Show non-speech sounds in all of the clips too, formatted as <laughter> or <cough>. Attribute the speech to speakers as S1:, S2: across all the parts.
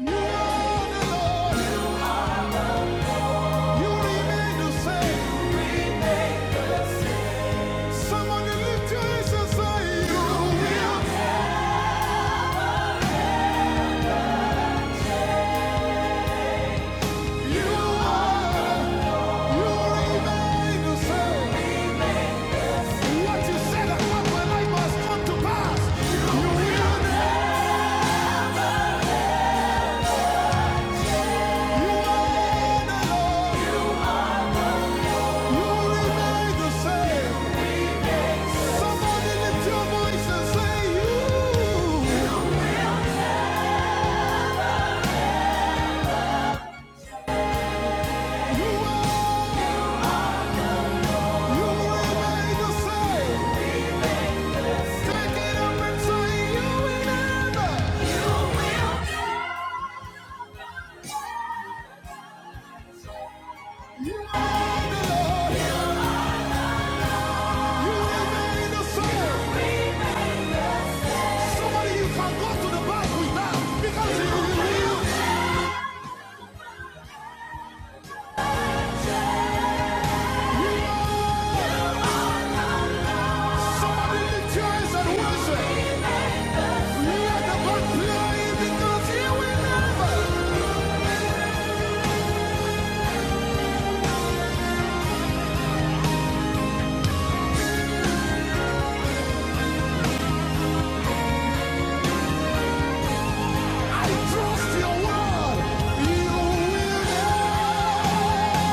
S1: You are the Lord. You remain the same. Somebody lift your hands and say, You will. You are. You remain the same. What you said about my life must come to pass. You will. You are the Lord. You remain the same. Somebody lift your voice and say, You. You are. You remain the same. Trust your word, you will never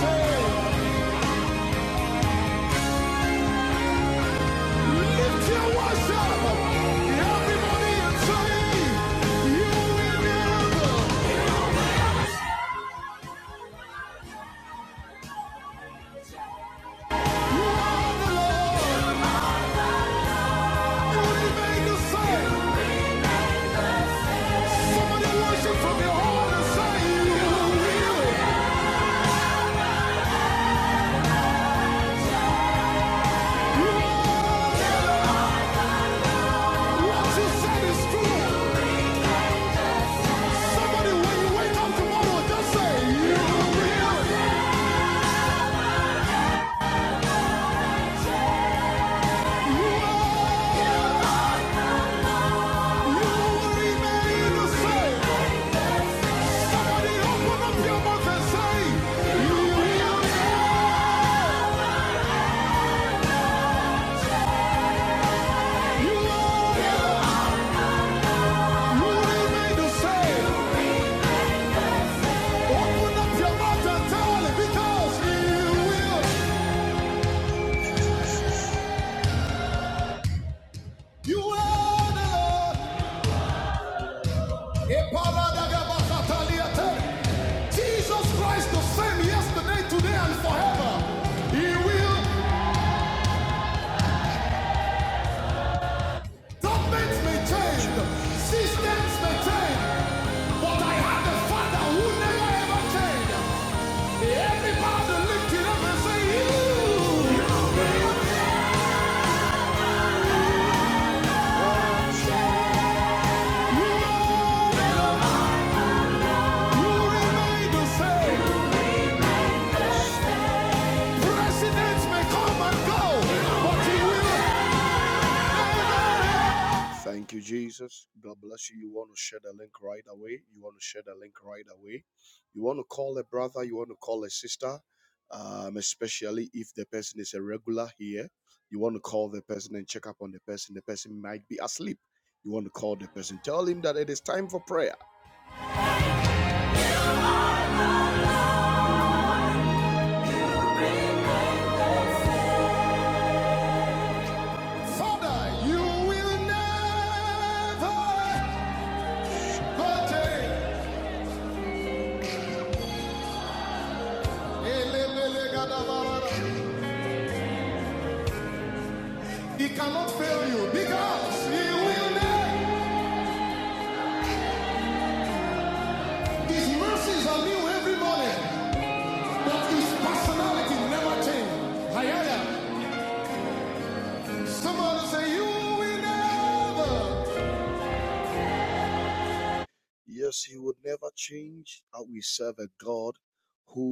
S1: change. Lift your worship. Everybody and say, You will miracle. You are the Lord. What He made you Somebody worship from your heart and say, You will. You are what you said is true. Somebody wake up tomorrow, just say, You will. You will be made to say. Somebody open up your mouth and say, You will. You are. You will be made say. Open up your mouth and tell it because he will. You are the Lord. Jesus Christ the same yesterday, today, and forever. He will. Governments may change, systems may change, but I have a Father who never ever changes. Everybody lift it say, You, you, you remain the same. Presidents may come and go, but he will. Thank you, Jesus. God bless you. You want to share the link right away. You want to share the link right away. You want to call a brother. You want to call a sister. Um, especially if the person is a regular here, you want to call the person and check up on the person. The person might be asleep. You want to call the person. Tell him that it is time for prayer. Father, you will never contain. He cannot fail you because he will never. His mercies are new every morning, but his personality never changes. Hayaya. Somebody say, You will never. Yes, he would never change. we serve a God who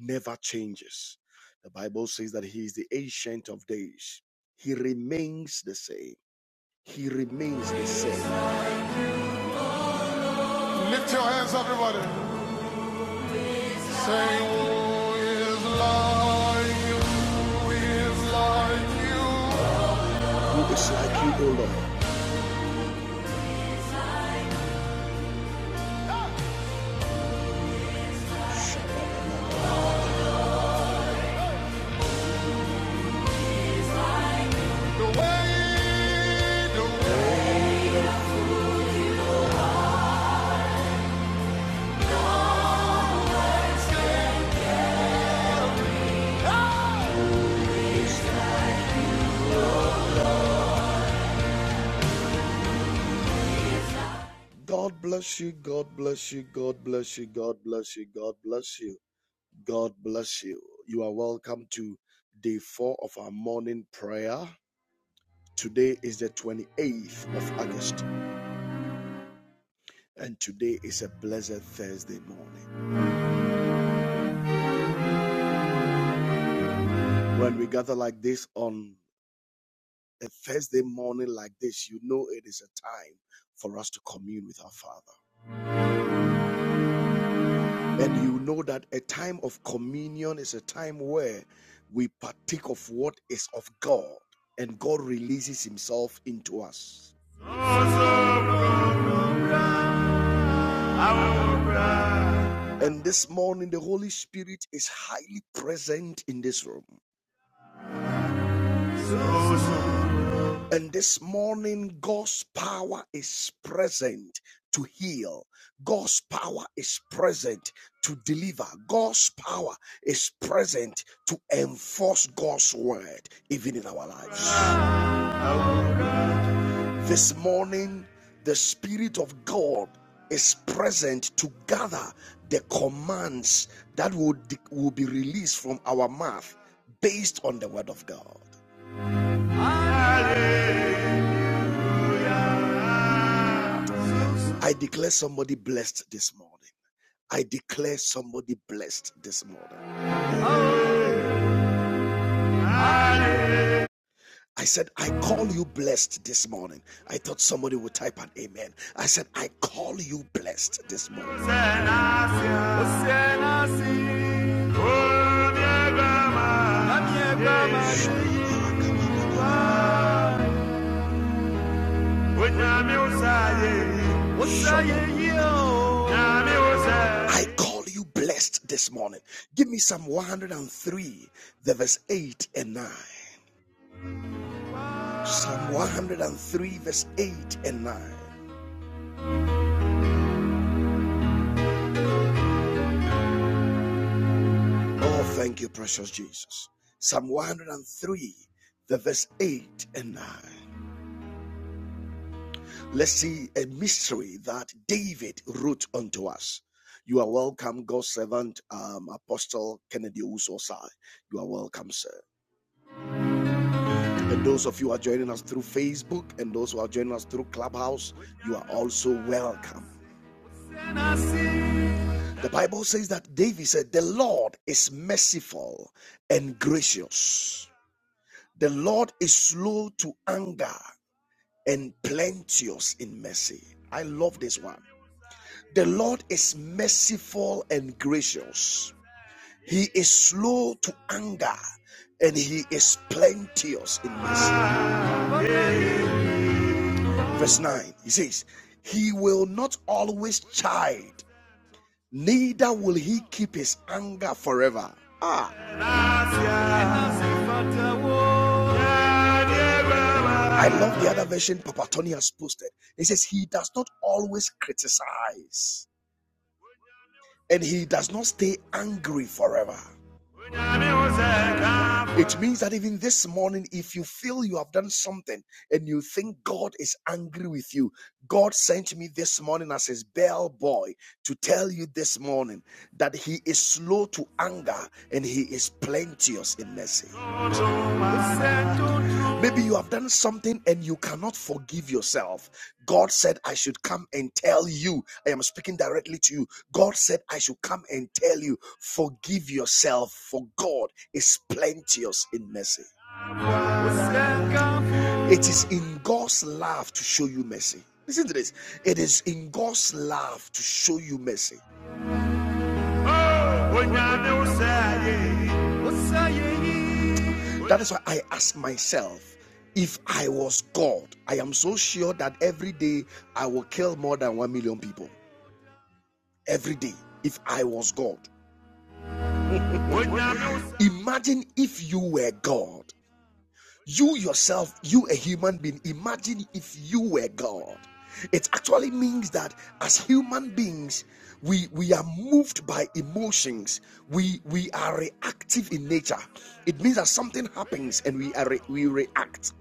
S1: never changes. The Bible says that he is the ancient of days, he remains the same. He remains the same. Lift your hands up, everybody. Say, who is like you? Who is like you? Who is like you, O Lord? God bless you. God bless you. God bless you. God bless you. God bless you. God bless you. You are welcome to day four of our morning prayer. Today is the 28th of August, and today is a blessed Thursday morning. When we gather like this on a Thursday morning like this, you know it is a time for us to commune with our Father. And you know that a time of communion is a time where we partake of what is of God and God releases Himself into us. And this morning, the Holy Spirit is highly present in this room. And this morning, God's power is present to heal. God's power is present to deliver. God's power is present to enforce God's word, even in our lives. This morning, the Spirit of God is present to gather the commands that will, will be released from our mouth based on the word of God. Hallelujah. I declare somebody blessed this morning. I declare somebody blessed this morning. I said, I call you blessed this morning. I thought somebody would type an amen. I said, I call you blessed this morning. <laughs> I call you blessed this morning. Give me Psalm 103, the verse 8 and 9. Psalm 103, verse 8 and 9. Oh, thank you, precious Jesus. Psalm 103, the verse 8 and 9. Let's see a mystery that David wrote unto us. You are welcome, God's servant, um, Apostle Kennedy Usosai. You are welcome, sir. And those of you who are joining us through Facebook and those who are joining us through Clubhouse, you are also welcome. The Bible says that David said, The Lord is merciful and gracious. The Lord is slow to anger and plenteous in mercy. I love this one. The Lord is merciful and gracious. He is slow to anger and he is plenteous in mercy. Verse 9, he says, He will not always chide, neither will he keep his anger forever. Ah, I love the other version Papa Tony has posted. It says, He does not always criticize, and he does not stay angry forever. It means that even this morning, if you feel you have done something and you think God is angry with you, God sent me this morning as his bell boy to tell you this morning that he is slow to anger and he is plenteous in mercy. Maybe you have done something and you cannot forgive yourself. God said, I should come and tell you. I am speaking directly to you. God said, I should come and tell you, forgive yourself, for God is plenteous in mercy. It is in God's love to show you mercy. Listen to this. It is in God's love to show you mercy. That is why I ask myself if I was God, I am so sure that every day I will kill more than 1 million people. Every day, if I was God. Imagine if you were God. You yourself, you a human being, imagine if you were God. It actually means that as human beings, we, we are moved by emotions. We we are reactive in nature. It means that something happens and we are re- we react.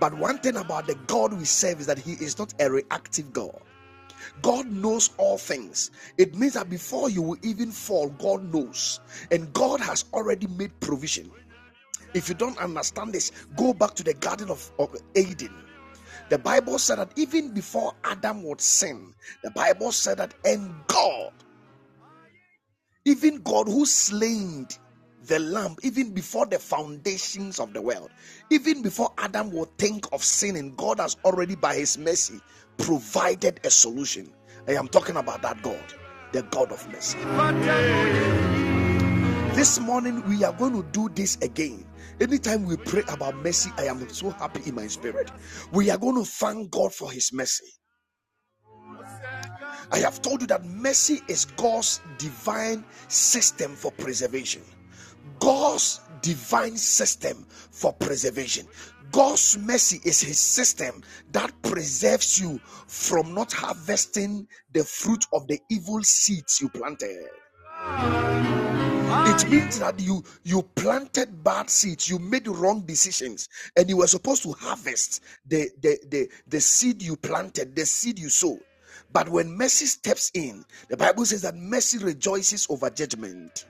S1: But one thing about the God we serve is that He is not a reactive God. God knows all things. It means that before you will even fall, God knows. And God has already made provision. If you don't understand this, go back to the Garden of, of Eden. The Bible said that even before Adam would sin, the Bible said that, and God, even God who slain the lamb, even before the foundations of the world, even before Adam would think of sinning, God has already, by his mercy, provided a solution. I am talking about that God, the God of mercy. This morning, we are going to do this again. Anytime we pray about mercy, I am so happy in my spirit. We are going to thank God for His mercy. I have told you that mercy is God's divine system for preservation. God's divine system for preservation. God's mercy is his system that preserves you from not harvesting the fruit of the evil seeds you planted. It means that you you planted bad seeds, you made wrong decisions, and you were supposed to harvest the the the, the seed you planted, the seed you sowed. But when mercy steps in, the Bible says that mercy rejoices over judgment.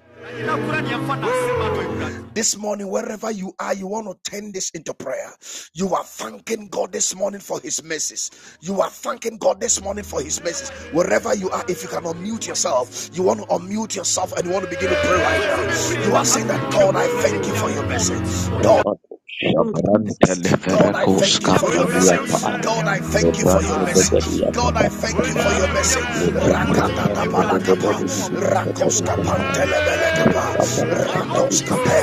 S1: This morning, wherever you are, you want to turn this into prayer. You are thanking God this morning for His mercies. You are thanking God this morning for His mercies. Wherever you are, if you can unmute yourself, you want to unmute yourself and you want to begin to pray right now. You are saying that God, I thank you for your mercy. God,
S2: Rapatos
S3: Lord
S2: Shabrante
S3: Jesus, I
S1: God, I
S3: thank
S2: Leferecos
S1: thank
S3: you
S1: you
S3: for
S1: for your
S3: me.
S2: Capradia
S1: mercy.
S2: Paa
S1: God, I
S3: In the
S1: thank you for your
S2: Lebrando
S3: name
S1: mercy.
S3: of Jesus,
S2: Begadia
S1: God, I
S2: Pata
S1: thank
S2: Pata
S1: you for
S2: Paa
S3: Lord,
S1: your
S3: I
S1: mercy.
S3: thank you for
S1: Rakata
S3: your
S2: Lebrando
S3: mercy,
S1: balakapa,
S3: your
S2: Begadia
S3: mercy,
S2: Pata
S3: your
S2: Pata
S3: mercy
S2: Paa
S3: that you show
S2: Rapata
S3: us,
S2: Pata
S3: Lord.
S2: Pata Pata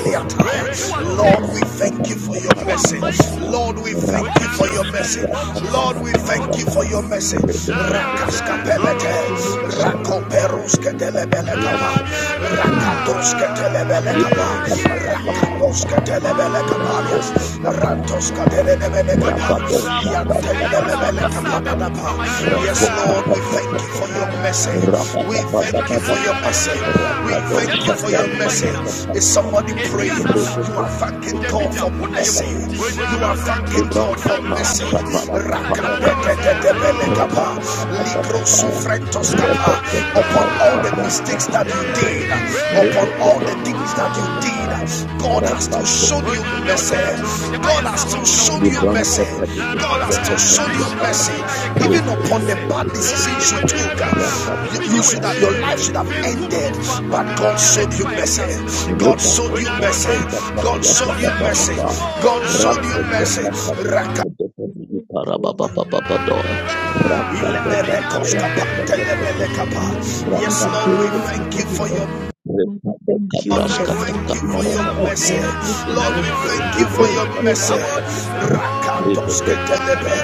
S2: Pata Paa
S1: Lord,
S3: Father,
S1: we
S3: I
S2: Rapata
S1: thank you
S2: Pata
S3: thank
S1: for your
S3: you for
S2: Pata
S3: your
S1: mercy.
S2: Pata
S3: mercy
S2: Paa
S1: Lord,
S3: that
S1: we
S3: you don't
S1: thank you for
S3: take
S2: Rapatos
S1: your
S3: time
S1: mercy.
S3: from
S2: Capras
S3: us,
S2: Pata
S1: Lord,
S3: Lord.
S1: we
S2: Pata
S1: thank you
S2: Pata
S1: for your
S3: Thank you
S1: mercy.
S3: for your mercy, for
S1: Rakaska
S3: your revelation, thank you will show me
S1: rakoperuske
S3: mercy, for your
S2: Paa
S1: telebelekapa,
S3: mercy. Thank
S1: rakatoske telebelekapa
S2: Libranta Pata Pata Pata Pata Paa, Libran Pata Pata Pata Paa,
S3: you.
S2: Rakopo papa kapa rabato shatras kapa papa yapa
S1: yes
S2: rakopa
S1: lord we
S2: papa
S1: thank you
S2: papa
S1: for your
S2: kapa
S1: mercy we
S2: rabada bada
S1: thank you
S2: bada
S1: for your mercy
S2: bada
S1: we
S3: Thank
S2: rabado
S1: thank you for your
S2: shatras kapa
S1: mercy
S2: papa
S1: is
S2: yapa
S1: somebody praying
S3: you.
S1: you
S2: rekopo
S1: are
S2: kopo
S1: thanking god
S2: parada
S1: for
S3: Thank
S2: bada
S1: mercy
S2: bada
S1: you are thanking
S2: libran
S1: god
S3: you. Thank you.
S1: for
S2: papa
S1: mercy
S2: shapara kapa
S3: Thank
S2: ya kapa
S1: rakapete telebele
S2: rabada bada
S1: Mentos Kappa,
S2: repete kapa
S1: upon all the
S2: kapa kapa
S1: mistakes that you
S2: kapa
S1: did,
S3: you. Thank you.
S2: rekopo
S1: upon all the things
S2: kopo
S1: that
S2: parada
S1: you did,
S2: kapa
S1: God
S3: Thank
S1: has still
S3: you.
S1: shown you mercy. God has
S3: Thank
S1: still
S3: you.
S1: shown you
S3: Thank you.
S1: mercy.
S2: Libronte Padikata
S1: God has
S3: Lord,
S2: Dakata
S1: still shown you
S2: Yatara
S1: mercy. Even
S2: Rita
S1: upon the bad decisions you took, you, you
S2: Rapatata
S1: should
S3: we
S1: have, your
S3: give
S2: Rapata
S3: you
S1: life should have ended, but God showed you mercy. God
S2: Rita
S1: showed you mercy.
S2: Shatrata
S1: God
S2: Padiyata
S1: showed you
S2: Dapa
S1: mercy.
S2: Dapa
S1: God showed you
S2: Rambo
S1: mercy.
S2: Dapa
S1: Raka
S2: Padikata Dapa Dikata Rababa Ramba Dapa Rapata Rapata
S1: Yes,
S2: Rapa
S1: Lord, we
S2: Dapa
S3: glory, we
S1: thank
S3: give
S1: you
S3: you
S1: for
S2: Dapa
S1: your
S3: honor.
S2: Rita
S3: Father,
S2: Dapa
S3: thank you
S1: Lord,
S3: in
S1: we
S3: the mighty
S1: thank you
S2: Kapa
S1: for
S3: name
S2: Rapa
S1: your
S3: of
S2: Dapa
S1: mercy.
S3: Jesus and
S1: Lord, we
S3: Moses.
S1: thank you for
S2: Libras
S3: Thank
S1: your
S3: you,
S2: Dapa
S1: mercy.
S3: thank you,
S2: Yata Rita
S1: Rakatoske
S2: Dapa Rapa
S1: telebe,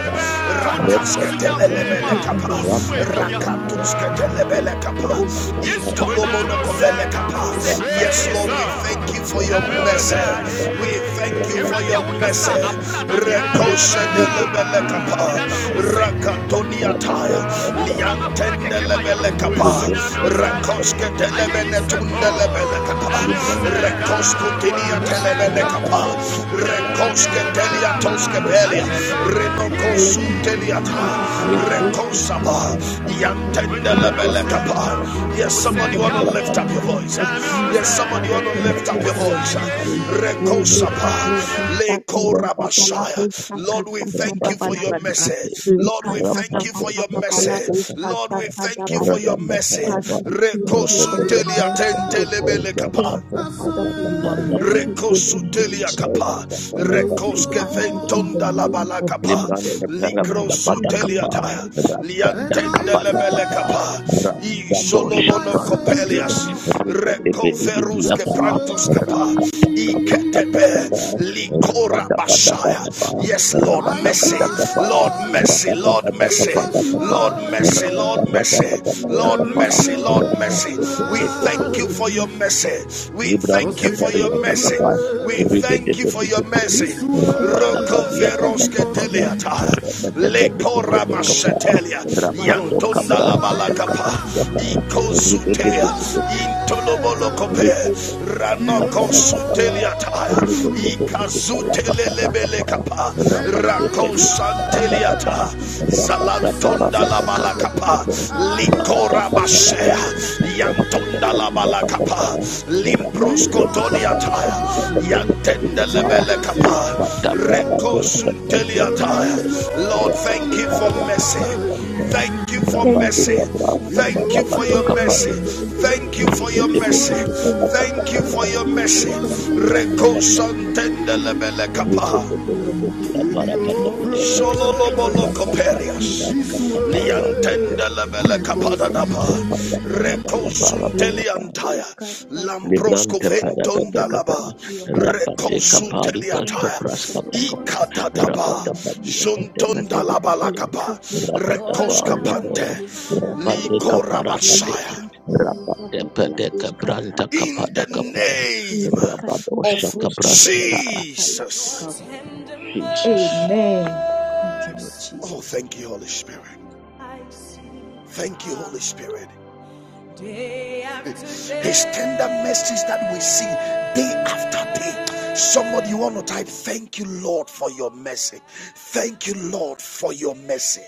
S1: rakaske
S3: thank
S1: telebele
S3: you in the
S1: kapa,
S3: name
S2: Rapa
S3: of
S2: Dapa
S3: Jesus
S1: rakatoske
S2: Rapa
S3: and Moses.
S1: telebele kapa,
S3: We
S2: Rabba
S3: lift you up, Father, in the
S1: kapa.
S3: name
S1: Yes, Lord, we thank
S3: of
S1: you for your mercy.
S3: Jesus.
S1: We Thank you
S3: Thank
S1: for your mercy. Rekosedelebelekapa. Rakatoniataya. Liantendelebelekapa. Rekosketelebeletundelebelekapa. Rekoskutiniatelebelekapa.
S3: you.
S1: Rekosketeliatoskepelia.
S3: Let us set
S1: Renokosuteliata.
S3: up a la cruz, set up
S1: Rekosaba.
S3: a the thank you for
S1: Yantendelebelekapa.
S3: mercy.
S1: Yes,
S3: In
S1: somebody
S3: the
S1: want to
S3: mighty
S1: lift up your
S3: name
S1: voice.
S3: of
S1: Yes,
S3: Jesus,
S1: somebody
S3: Father,
S1: want to
S3: thank
S1: lift up
S3: you
S2: Rabba
S1: your
S3: for your
S1: voice.
S3: mercy. Oh, let us
S1: Rekosapa,
S3: cross the start to the
S1: lekora
S3: Papala
S1: basaya.
S3: Pusha
S1: Lord, we
S3: Katata
S1: thank
S3: da
S1: you for your
S3: Balabarba.
S1: message.
S3: Let
S1: Lord,
S3: us
S1: we thank
S3: Katata
S1: you for your
S3: Papala
S1: message.
S3: Pusha
S1: Lord, we
S3: Katata da
S1: thank you for your
S3: Balabarba.
S1: message.
S3: Father, we thank you for your
S1: Rekosutelia
S3: mercy, O God.
S1: tentelebele
S3: Thank you, Father, for
S1: kapa.
S3: you are merciful and
S1: Recosutelia
S3: gracious.
S1: capa,
S3: Lord, we
S1: recosque
S3: thank you in the
S1: ventonda la
S3: name
S1: bala
S3: of
S1: capa,
S3: Jesus
S2: Libran kepada
S3: in
S2: pada pada
S3: abounding
S1: licrosutelia
S2: kapa
S1: ta,
S3: mercy.
S2: pada
S3: Lord,
S2: pada
S3: we thank
S1: liantende le
S3: you for
S1: bele
S3: your
S2: kapa
S1: capa,
S3: mercy. We
S1: i
S2: rada
S3: thank you
S2: dosa
S1: solomono
S3: for
S2: prastake
S3: your
S1: copelias,
S3: mercy,
S2: ribe
S3: O
S2: debe
S3: God.
S2: dibi
S1: recoverus que
S3: Thank
S2: apa
S3: you for your
S1: prantos capa,
S3: mercy.
S2: raka
S3: Thank
S2: kapa
S1: i
S3: you,
S2: pada
S1: ketepe,
S3: Father, for your
S2: pada
S1: licora
S2: pada
S3: mercy.
S2: pada
S1: bashaya.
S3: Thank
S2: kapa
S3: you, Lord,
S1: Yes,
S3: for your
S1: Lord,
S2: pada
S1: mercy,
S2: pada
S3: good
S2: kapa
S1: Lord,
S3: kindness.
S2: pada
S1: mercy,
S3: Thank
S1: Lord,
S2: pada
S3: you,
S2: kapa
S1: mercy,
S3: thank you,
S2: pada Rabadakabadakapa,
S1: Lord,
S3: thank
S2: Rabadoshapraskate,
S3: you,
S2: Ribidibidibidiapa,
S1: mercy,
S2: Rakatakabadabadaba,
S3: thank
S1: Lord, mercy, Lord,
S2: Rabadabadabadaba, Rabadabadakapa, Rabadabadakapadakapa,
S3: you.
S1: mercy,
S3: Lord, for
S1: Lord,
S3: your
S2: Rabadabadabadakapa,
S1: mercy, your
S3: goodness.
S1: mercy. We
S3: Thank you, Lord,
S2: Rabadabadakapa,
S1: thank
S3: for
S1: you
S3: your
S1: for your
S3: mercy. Thank
S1: mercy. We
S2: Libran
S1: thank you
S3: you, Father, for your
S1: for
S3: mercy. Thank you, Lord,
S2: Tapari
S1: your mercy.
S2: Apatapa,
S1: We thank you for your
S2: Ribedebedicate,
S1: mercy. Roko
S2: Rapadabadiata
S1: veroske
S2: Dakapada,
S1: teliata. Lekora
S2: Rapadabadicate
S3: for your
S2: Kapa,
S3: mercy.
S1: masetelia.
S3: Thank you,
S2: Rapado
S1: Yantunda la
S2: Cabras
S3: Thank
S1: balakapa.
S2: Dakapada,
S1: Ikozutea.
S2: Rapat di
S1: Intolobolokope.
S2: kabras
S1: Ranokosuteliata, Ikazutelebelekapa, Rakosanteliata, Zalantonda la Balakapa, Likorabashea, Yantonda la Balakapa, Limproskotoniata, Yantendelebelekapa,
S3: you.
S1: Rekosuteliata. Lord, thank you for mercy. Thank you for
S3: Thank
S1: mercy.
S3: you, Father, for
S1: Thank
S2: kepada
S1: you
S3: mercy
S1: for
S2: padoka
S1: your
S3: in the
S1: mercy.
S2: pada
S3: name of
S1: Thank you for
S3: Jesus.
S2: ribut
S1: your
S2: ribut
S1: mercy.
S3: Thank
S2: ribut
S3: you,
S2: kata
S3: Lord,
S2: kata
S1: Thank
S3: for
S1: you
S2: kata
S3: your
S1: for your mercy.
S3: mercy.
S2: rata
S3: Thank you
S2: kata
S3: for your
S1: Reko
S2: sabras
S3: mercy.
S1: santende
S3: Thank you,
S1: lebele
S3: thank
S2: ribut
S3: you
S1: kapa.
S2: ribut
S3: for your
S2: ribut di apa
S3: mercy.
S2: kata
S3: Lord,
S2: ya
S3: thank
S2: kata
S3: you
S2: ini
S3: for your
S2: rata
S3: mercy
S2: kata
S3: in
S1: Sololobolokoperias.
S2: bas
S3: the
S2: kata
S3: name of
S2: baruan kata
S3: Jesus.
S2: ini
S3: Oh,
S1: Liantendelebele
S2: kata
S3: Father, thank
S1: kapadadaba.
S3: you
S2: rata
S3: for your
S2: kata rata
S3: mercy.
S2: kata rata kata
S1: Recosunteliantaya.
S2: Librante
S3: Lekapolkasatadabaraba.
S2: perabada
S3: Thank
S2: kapa
S3: you
S1: Lamproscoventondalaba.
S3: for your mercy,
S2: rabade
S3: Lord.
S2: kapali
S3: Thank
S2: rasa
S1: Recosuteliataya.
S3: you for your
S2: praskata kapa
S3: mercy in the
S1: Ikatadaba.
S2: rabada padi
S3: name of
S2: atete pati
S3: Jesus.
S2: binube
S3: Amen.
S1: Jontondalabalakapa.
S2: rabada pa
S3: Thank
S1: Recoskapante.
S2: rabo rabade kapara kate
S1: Likorabashaya
S2: rabade pede kabranta
S1: in the
S2: kapada kapa
S1: name
S2: rabado
S1: of
S2: shaka praskata
S1: Jesus.
S2: Jesus
S3: you, Lord
S1: Oh,
S3: Jesus.
S1: thank you, Holy Spirit. Thank you, Holy Spirit. His tender mercies that we see day after day. Somebody you want to type, thank you, Lord, for your mercy. Thank you, Lord, for your mercy.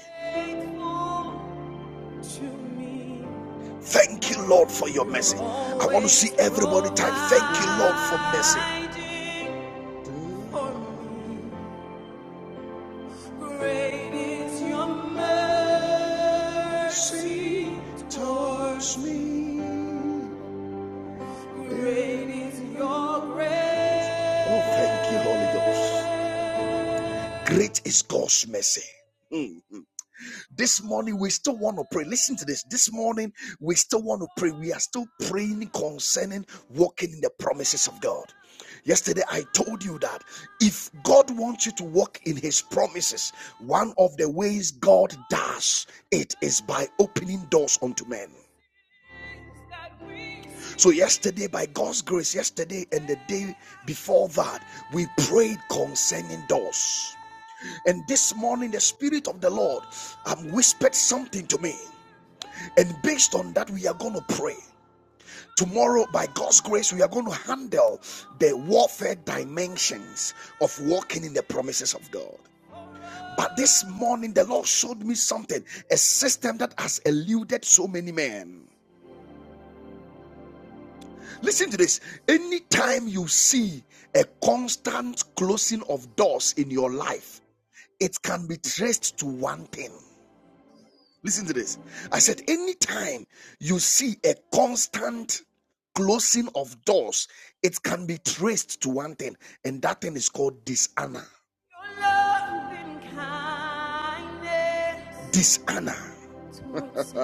S1: Thank you, Lord, for your mercy. I want to see everybody type, Thank you, Lord, for mercy. Great is your mercy towards me. Great is your grace. Oh, thank you, Holy Ghost. Great is God's mercy. This morning, we still want to pray. Listen to this. This morning, we still want to pray. We are still praying concerning walking in the promises of God. Yesterday, I told you that if God wants you to walk in His promises, one of the ways God does it is by opening doors unto men. So, yesterday, by God's grace, yesterday and the day before that, we prayed concerning doors. And this morning, the Spirit of the Lord um, whispered something to me. And based on that, we are going to pray. Tomorrow, by God's grace, we are going to handle the warfare dimensions of walking in the promises of God. But this morning, the Lord showed me something a system that has eluded so many men. Listen to this. Anytime you see a constant closing of doors in your life, it can be traced to one thing Listen to this. I said, anytime you see a constant closing of doors, it can be traced to one thing, and that thing is called dishonor. Your love and kindness Dishonor. <laughs> towards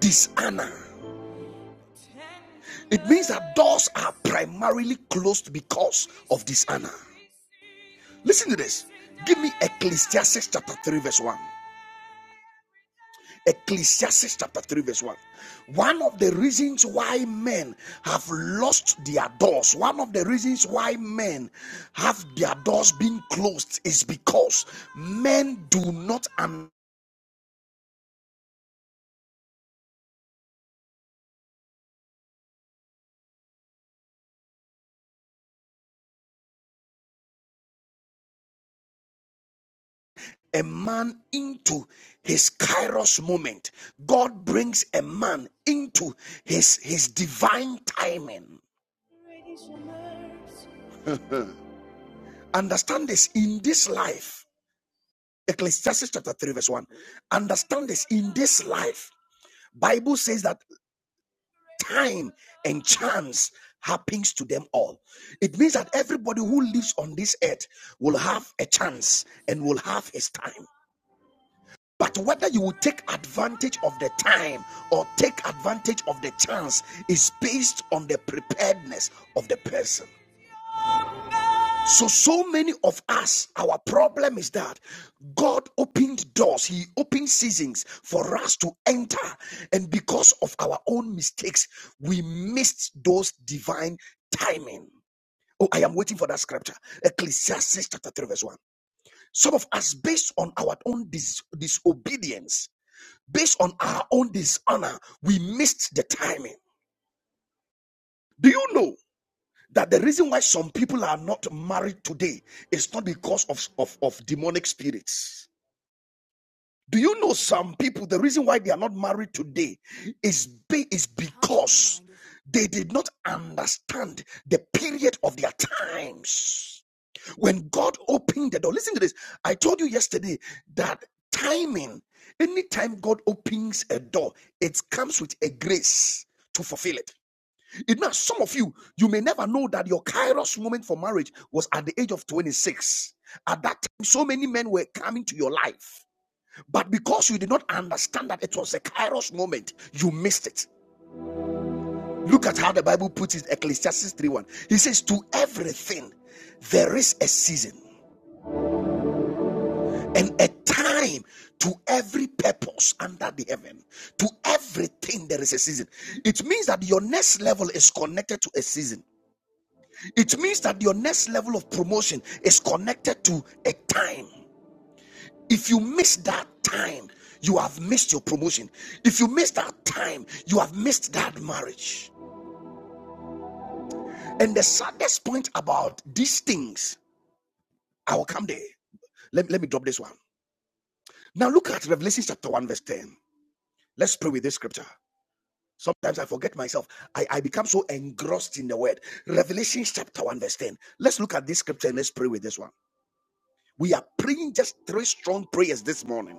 S1: dishonor. It means that doors are primarily closed because of dishonor. Listen to this. Give me Ecclesiastes chapter 3, verse 1. Ecclesiastes chapter 3, verse 1. One of the reasons why men have lost their doors, one of the reasons why men have their doors being closed is because men do not un- a man into his kairos moment. God brings a man into his his divine timing. Understand this in this life. Ecclesiastes chapter 3, verse 1. Understand this in this life. Bible says that time and chance happens to them all. It means that everybody who lives on this earth will have a chance and will have his time. But whether you will take advantage of the time or take advantage of the chance is based on the preparedness of the person. So, so many of us, our problem is that God opened doors, He opened seasons for us to enter. And because of our own mistakes, we missed those divine timing. Oh, I am waiting for that scripture. Ecclesiastes chapter 3, verse 1. Some of us, based on our own dis- disobedience, based on our own dishonor, we missed the timing. Do you know? that the reason why some people are not married today is not because of, of, of demonic spirits. Do you know some people, the reason why they are not married today is, be, is because they did not understand the period of their times. When God opened the door, listen to this. I told you yesterday that timing, anytime God opens a door, it comes with a grace to fulfill it. It means some of you, you may never know that your kairos moment for marriage was at the age of 26. At that time, so many men were coming to your life. But because you did not understand that it was a kairos moment, you missed it. Look at how the Bible puts it, Ecclesiastes three one. He says, To everything there is a season and a time to every purpose under the heaven. To everything there is a season. It means that your next level is connected to a season. It means that your next level of promotion is connected to a time. If you miss that time, you have missed your promotion. If you miss that time, you have missed that marriage. And the saddest point about these things, I will come there. Let, let me drop this one. Now look at Revelation chapter 1, verse 10. Let's pray with this scripture. Sometimes I forget myself. I, I become so engrossed in the word. Revelation chapter 1, verse 10. Let's look at this scripture and let's pray with this one. We are praying just three strong prayers this morning.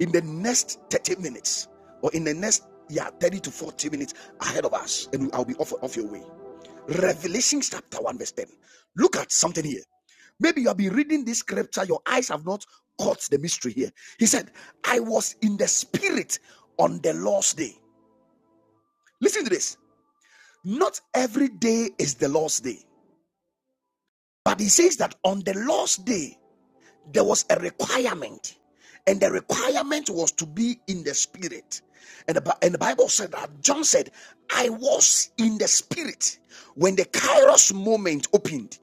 S1: In the next 30 minutes, or in the next yeah, 30 to 40 minutes ahead of us, and I'll be off, off your way. Revelation chapter 1, verse 10. Look at something here. Maybe you have been reading this scripture, your eyes have not caught the mystery here. He said, I was in the spirit on the Lord's day. Listen to this. Not every day is the Lord's day, but he says that on the Lord's day, there was a requirement and the requirement was to be in the spirit and the, and the bible said that john said i was in the spirit when the kairos moment opened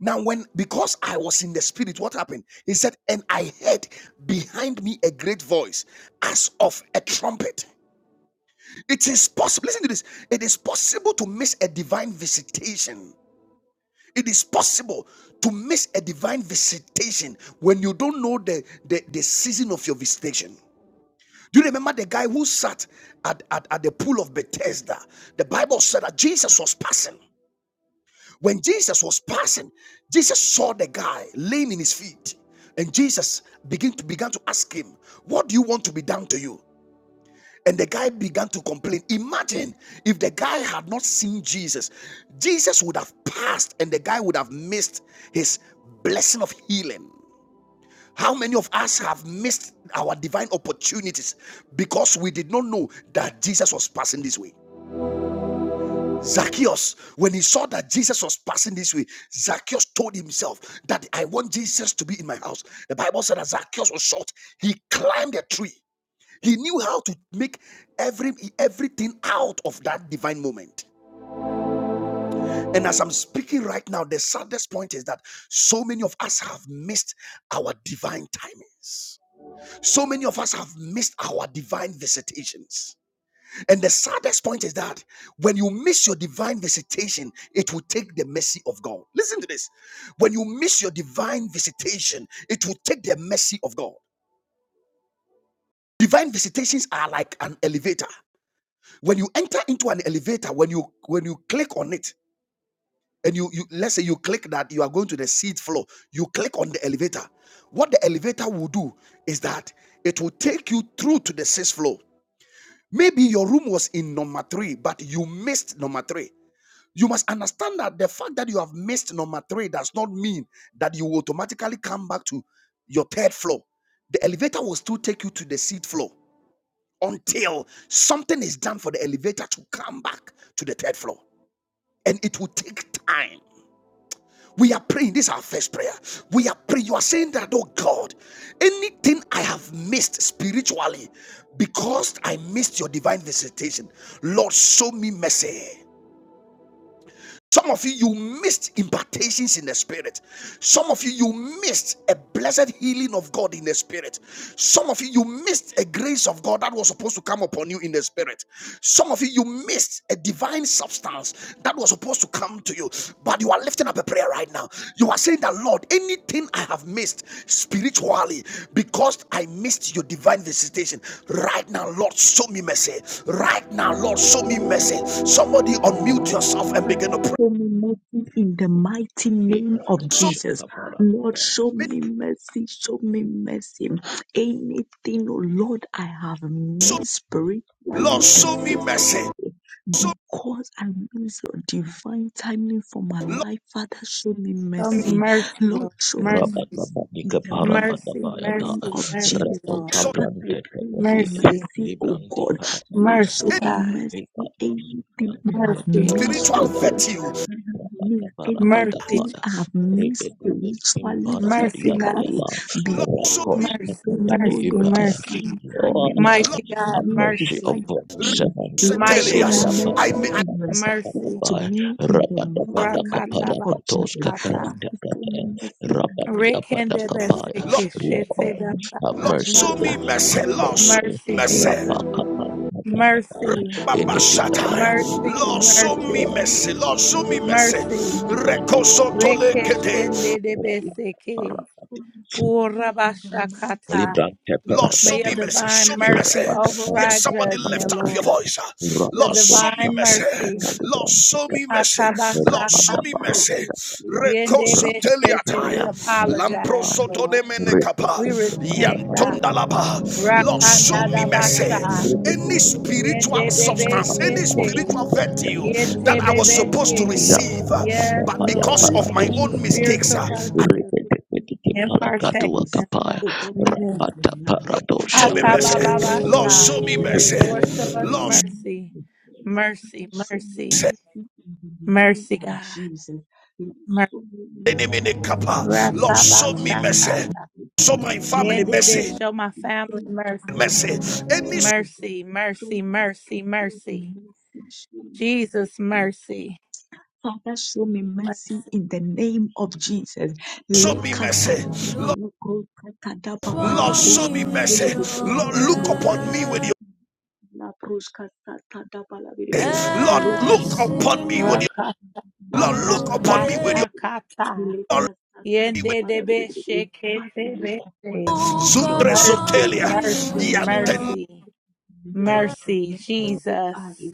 S1: now when because i was in the spirit what happened he said and i heard behind me a great voice as of a trumpet it is possible listen to this it is possible to miss a divine visitation it is possible to miss a divine visitation when you don't know the, the, the season of your visitation. Do you remember the guy who sat at, at, at the pool of Bethesda? The Bible said that Jesus was passing. When Jesus was passing, Jesus saw the guy laying in his feet. And Jesus began to began to ask him, What do you want to be done to you? And the guy began to complain. Imagine if the guy had not seen Jesus, Jesus would have passed and the guy would have missed his blessing of healing. How many of us have missed our divine opportunities because we did not know that Jesus was passing this way? Zacchaeus, when he saw that Jesus was passing this way, Zacchaeus told himself that I want Jesus to be in my house. The Bible said that Zacchaeus was short. He climbed a tree he knew how to make every everything out of that divine moment. And as I'm speaking right now, the saddest point is that so many of us have missed our divine timings. So many of us have missed our divine visitations. And the saddest point is that when you miss your divine visitation, it will take the mercy of God. Listen to this. When you miss your divine visitation, it will take the mercy of God. Divine visitations are like an elevator. When you enter into an elevator, when you when you click on it, and you, you let's say you click that you are going to the seat floor, you click on the elevator. What the elevator will do is that it will take you through to the sixth floor. Maybe your room was in number three, but you missed number three. You must understand that the fact that you have missed number three does not mean that you will automatically come back to your third floor. The elevator will still take you to the seat floor until something is done for the elevator to come back to the third floor. And it will take time. We are praying. This is our first prayer. We are praying. You are saying that, oh God, anything I have missed spiritually because I missed your divine visitation, Lord, show me mercy. Some of you, you missed impartations in the spirit. Some of you, you missed a blessed healing of God in the spirit. Some of you, you missed a grace of God that was supposed to come upon you in the spirit. Some of you, you missed a divine substance that was supposed to come to you. But you are lifting up a prayer right now. You are saying that, Lord, anything I have missed spiritually because I missed your divine visitation, right now, Lord, show me mercy. Right now, Lord, show me mercy. Somebody unmute yourself and
S3: Father,
S1: begin to pray
S3: Show me mercy in the mighty name of
S2: librante
S1: show
S3: Jesus.
S2: shaka
S3: Lord,
S2: parabada
S3: show
S1: me,
S3: me mercy, show me mercy. Anything, oh Lord, I have
S1: show me,
S3: missed
S1: Lord,
S3: spiritually and
S1: show me
S3: physically
S1: mercy. Show,
S3: because I miss your divine timing for my
S1: me, Lord,
S3: life. Father, show me
S4: Show me
S3: mercy.
S4: mercy,
S3: Lord,
S4: Lord.
S3: show me
S4: Mercy,
S2: rabada
S3: mercy
S2: padi
S3: in the
S2: kapara
S3: mighty
S2: bada
S4: mercy,
S2: baya da
S3: name
S4: mercy,
S3: of
S4: mercy,
S3: Jesus.
S2: rato
S4: Lord.
S1: show
S3: Father, I
S2: kabrante tete
S3: pray for
S4: Mercy,
S3: mercy, oh
S2: librante
S3: God. Lord,
S2: parabada
S4: mercy,
S3: show
S1: any
S3: me
S4: God.
S3: mercy
S2: Rika dos
S3: anything
S2: Ricardo
S3: I have
S2: terjadi Dia
S4: Mercy,
S3: missed,
S1: spiritual
S3: oh
S2: Parabada
S3: God.
S1: virtue.
S3: I have missed
S4: mercy,
S3: anything I have
S4: Jesus.
S3: missed spiritually,
S4: Mercy, Master.
S3: physically,
S1: Lord, show
S3: because
S1: me,
S3: I
S4: Mercy,
S3: don't know
S4: mercy,
S3: your
S4: mercy.
S3: divine
S2: Lord,
S3: timing. I
S4: Mighty
S1: Lord,
S2: have
S4: God,
S3: need
S2: mercy
S4: mercy.
S3: divine
S2: upon the
S3: timing.
S2: servant.
S3: Lord, show
S4: Mighty
S3: me
S4: God,
S2: Legra
S1: I
S2: papa
S3: mercy
S1: may
S2: para
S3: in
S2: papa papa
S3: respect
S4: mercy.
S2: pa
S3: to me in the
S2: rapa da pa
S1: have,
S2: da
S3: mighty name
S4: Rakata
S2: kapara
S3: of
S2: katos
S3: Jesus.
S4: bakata.
S3: Father,
S2: kapranta
S3: show
S2: kata
S3: me mercy
S2: rapa
S3: and
S2: di apa
S3: respect
S2: da
S3: to
S4: Rekende
S3: me
S2: kapaya
S1: Lord,
S4: beseke
S3: in
S4: shete
S3: the
S2: Lord
S3: name
S2: have
S1: Lord,
S3: of
S2: mercy
S1: show
S3: Jesus.
S1: me
S4: basakashata.
S1: mercy.
S2: have
S1: Lord, show
S2: mercy
S1: me
S4: Mercy,
S1: mercy.
S2: rapa
S4: Jesus.
S2: kapara kapara
S4: Mercy,
S1: Baba
S2: anything that I
S1: Shataya,
S2: do
S4: mercy,
S1: Lord, show
S2: oh
S1: me
S4: mercy.
S1: mercy. Lord, show
S2: yeah
S1: me mercy.
S4: Mercy.
S1: Recoso tole kete.
S4: Rekeshende de
S2: Libran
S3: We
S4: Beseke.
S3: satisfy in the mighty name
S4: Urabashakata.
S3: of
S2: tepera
S1: Lord, show
S4: May your
S1: me
S3: Jesus.
S2: tepera
S1: mercy. Show
S4: divine
S3: We
S1: me
S2: ura
S1: mercy.
S4: mercy
S2: pada
S3: extend
S1: Yes,
S4: override
S2: pada
S1: somebody
S3: the
S2: pada
S3: mercy
S4: judgment,
S1: lift up your
S2: kati
S4: Lord.
S1: voice.
S2: ura
S4: Your
S1: Lord,
S2: pada
S1: show me
S4: divine
S1: mercy.
S2: sapras
S3: in the
S4: mercy.
S3: life
S2: kata
S1: Lord,
S2: libran
S1: show me
S2: kati
S1: mercy.
S2: ura
S1: Lord, show
S2: pada
S1: me
S2: pada
S4: Atabashakata.
S3: to
S1: mercy.
S3: us.
S2: pada
S3: We thank
S4: Yende
S2: ura
S3: you
S2: pada
S4: Beshete.
S1: Rekozuteliataya.
S4: We
S2: periam
S3: for the name
S2: ura pada
S4: apologize,
S3: of
S2: pada
S3: Jesus
S4: Lord.
S2: ura
S1: Lamprosodonemenekapa.
S4: We
S2: pada pada
S4: repent,
S3: mercy that
S4: God.
S1: Yantondalaba.
S3: you
S1: Lord,
S3: put
S1: show
S4: Rakanda
S3: in
S1: me
S3: our lives.
S1: mercy.
S4: Dabasha.
S2: ura pada
S1: Any spiritual
S4: Yende de
S3: Thank you in the mighty
S1: substance, any
S4: Beshete.
S1: spiritual
S2: pada
S3: name
S1: virtue
S4: Yete
S3: of
S2: kita
S1: that I was
S3: Jesus.
S1: supposed to
S2: Rapat
S4: Bebeshe.
S1: receive, uh,
S2: Papa
S4: Yes,
S1: but
S2: paya
S1: because
S4: Lord.
S2: para
S1: of my
S2: tus
S4: Any
S1: own mistakes,
S2: kebende.
S4: spiritual
S1: uh,
S3: make you
S4: virtue.
S3: take
S2: Ripete
S3: me,
S2: pete
S3: I'm
S2: ke para
S3: supposed to
S4: Impartation.
S3: be
S2: kadua
S3: speak
S2: kapaya. paratus kepente, uripete petike palakatu wakapaya,
S4: God.
S3: or God
S4: We
S3: take me
S4: live.
S3: from
S2: Rapata
S3: now.
S2: para
S1: Lord
S3: But
S1: show
S2: dosha
S1: me
S3: because of my
S2: preskete.
S1: mercy. Lord,
S3: thinking,
S1: show
S4: Atabababasha.
S1: me
S3: it
S2: Zikte
S3: will
S1: mercy.
S3: be
S4: Lord, show us
S1: Lord,
S4: mercy.
S3: Father,
S4: Mercy,
S3: show me
S1: show
S4: mercy,
S3: mercy in the name
S4: mercy,
S3: of
S4: God.
S3: Jesus. Lord,
S4: Mercy.
S3: Show me
S1: me
S3: mercy in the
S1: kappa.
S3: name
S1: Lord, show
S3: of
S1: me
S3: Jesus.
S4: Ratabashaka.
S1: mercy. Show my
S3: Father,
S1: family
S3: show me
S4: Yendede,
S1: mercy.
S4: Show my
S3: mercy. Show
S4: family
S3: my
S4: mercy.
S3: family
S1: Mercy. Any
S3: mercy.
S4: Mercy,
S3: Show
S4: mercy,
S3: my
S4: mercy,
S3: siblings
S4: mercy.
S3: mercy. Show me
S4: Jesus,
S3: mercy.
S4: mercy.
S3: Father, show me mercy
S4: Mercy.
S3: in the name of Jesus.
S1: show me mercy. Lord, Lord, show me mercy.
S3: Lekatatatatatakoskatadababalakoskadelebedeyi.
S1: Lord, look upon me with your
S3: Rapalaproskatatatabalaberebe.
S1: mercy. Lord, look upon me with your Lord, look upon
S3: Lokatatatabalaproskata.
S1: me with your
S4: Rakatandabashakata.
S1: Lord, look upon me with
S3: Lekatatatabalaberebe. Father, look upon
S4: Yendedebesheketebeshe.
S3: me with your
S1: Zundre
S4: Mercy,
S1: Sotelia.
S3: merciful
S4: mercy,
S3: eyes. Look
S1: Yanten
S3: upon
S4: mercy.
S3: me with your
S4: Mercy,
S3: merciful
S4: Jesus.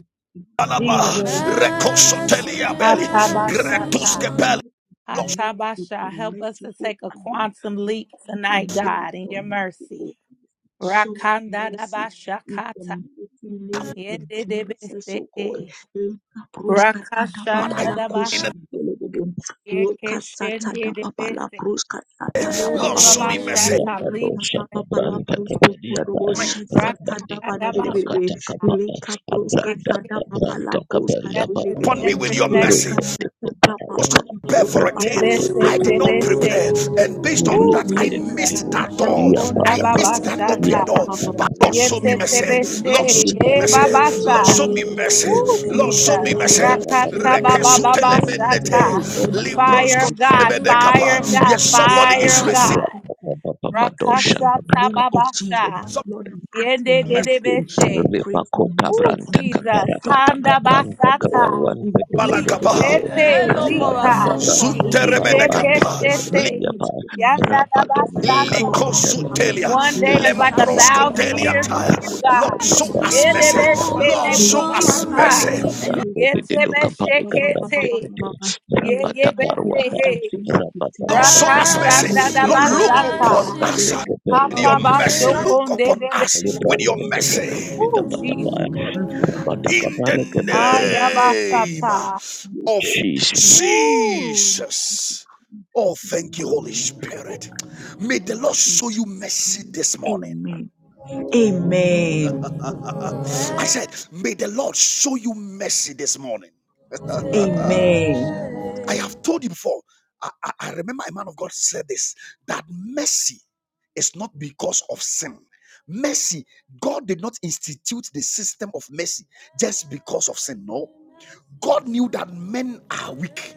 S1: Alaba.
S4: Jesus.
S1: Recosotelia Belli. Gretuske
S4: Hatabashata.
S1: Belli.
S4: Hatabasha. Help us to
S3: merciful
S4: take a
S3: eye.
S4: quantum
S3: We
S4: leap
S3: call for
S4: tonight,
S3: miracle,
S4: God, in your
S3: merciful
S4: mercy.
S3: eyes. Show
S4: Rakanda
S3: mercy in the
S4: dabashakata.
S3: mighty name of Jesus, oh God.
S4: Yendedebese.
S3: Lika bruska tada
S4: Rakashanda
S3: papala kushi
S4: dabasa.
S3: belebebe. Weka sata da papala
S4: Yekeshendedebese.
S3: bruska sata
S1: Lord, show
S3: da
S1: me mercy.
S4: Urabashata.
S2: rapa
S4: Leap
S2: dosha
S4: in faith.
S2: kabranda kapadiata.
S1: My-
S4: Rakanda
S2: Rabadika para
S4: dabashata.
S2: kata kapaya. Abranda kabranda kabaria para
S1: Upon
S2: kata.
S1: me with your
S4: Yekeshendedebese.
S1: mercy. I
S2: Ripete ke para ya
S1: was to
S2: para.
S1: prepare for a
S2: Branda
S1: thing.
S2: to
S4: Yebese
S1: I did
S2: kutus
S1: not
S3: Rakata
S2: kata
S1: prepare.
S4: tebese.
S2: kata.
S1: And based on
S4: Ooh,
S1: that,
S2: Ripete
S1: I
S3: Look at
S4: Jesus.
S2: pete
S3: that,
S1: missed
S3: that,
S1: that door.
S2: Ia
S4: Rukunda
S1: I
S2: pada
S1: missed
S2: para.
S1: that
S2: Ia
S1: open
S4: babasata.
S1: door.
S2: pada
S1: But
S2: kata.
S1: Lord, show me
S3: In
S1: mercy.
S3: the name of
S1: Lord, show
S4: Yetetebeshe.
S1: me
S4: E
S3: Jesus,
S1: mercy.
S2: Libra
S3: Father, show
S1: Lord,
S4: babasa.
S1: show
S3: me
S1: me
S3: mercy.
S4: Ooh,
S1: mercy. Lord,
S3: Lord,
S1: show
S3: show
S1: me
S4: Jesus.
S3: me
S1: mercy.
S3: mercy in
S4: Rakata
S3: my life. Thank you,
S1: Rekesutelemenete.
S3: oh
S4: babababasata.
S3: God, Lord, for
S4: Fire
S3: the
S4: of
S2: Rapapadosha
S4: God.
S3: kindness
S4: Fire
S1: Libroskolemenekapa.
S4: of
S3: in
S4: God.
S1: Yes,
S3: the name
S1: somebody is
S3: of
S4: Fire of
S1: receiving
S4: God.
S3: Jesus, and blessings in the
S4: Rakasata
S3: name of Jesus.
S4: babasha.
S1: some
S3: Lord, I ask for
S4: Yende
S1: mercy.
S3: mercy. I
S4: dedebeshe.
S2: Rabbi
S3: pray for
S2: makuka
S4: Ooh,
S3: mercy
S2: branta
S3: and
S4: Jesus.
S2: kapara
S3: restore
S2: kata
S4: Handa
S3: unto me,
S2: kabranta
S4: basata.
S2: kabaruan
S3: Lord.
S1: Balakapa.
S3: Of
S2: pededededede.
S3: the
S4: Likete.
S3: new
S2: Rabado
S4: Lika.
S2: kabranta
S3: single
S4: Likete
S3: companies,
S2: kabaruan
S1: Sunteremenekapa.
S2: pedededede
S4: keshete.
S2: apa?
S3: which will never
S4: Yanda da
S3: be
S2: Rabado
S3: understood
S4: basata.
S3: on
S2: kabranta
S3: the
S2: kabranta.
S1: Likosutelia,
S4: One
S3: local
S4: day is
S3: market,
S4: like
S2: Rabada
S4: a thousand
S2: bahasa.
S3: and
S1: Lemproskotelia
S4: years with
S1: tire.
S4: you,
S3: the
S1: Lord,
S2: Rabada
S4: God.
S1: show
S3: local
S1: us
S4: Yeah,
S3: market
S2: kabranta
S4: that
S1: mercy.
S4: best shit,
S2: kabranta.
S1: Lord,
S4: may we
S1: show
S4: leap
S1: us
S3: is
S2: Rabado
S3: not
S4: high.
S1: mercy.
S2: kabranta
S4: Yeah, te
S2: pededu
S4: best
S2: kapala
S4: shit, Can't
S2: kabranta
S4: take.
S2: pede.
S4: Yeah,
S2: Rabada
S4: yeah, best shit,
S2: paruapa.
S4: hey.
S2: Rabada
S1: Lord,
S2: pada
S1: show us
S2: kapara kata
S4: Rakashanda
S1: mercy.
S4: da
S1: Lord,
S2: kata.
S1: look
S4: basata.
S1: upon
S2: Rabada
S1: us with
S2: kabaruan
S1: your
S4: Hata
S1: mercy. Look upon
S4: bashokonde de
S1: us
S4: best.
S1: with your mercy.
S4: Ooh, Jesus.
S1: In the
S3: the local
S2: Jesus.
S3: market
S1: name
S4: Ayabasata.
S3: your
S1: of
S3: God. Lord, take
S4: Ooh.
S1: Jesus. Oh, thank you, Holy
S3: glory for
S1: Spirit. May the
S3: us
S1: Lord
S3: in
S1: show you
S3: Jesus'
S1: mercy
S3: name.
S1: this morning.
S3: Amen. Amen.
S1: I said, May the Lord show you mercy this morning.
S3: Amen.
S1: I have told you before. I, I, I remember a man of God said this that mercy is not because of sin. Mercy, God did not institute the system of mercy just because of sin. No. God knew that men are weak.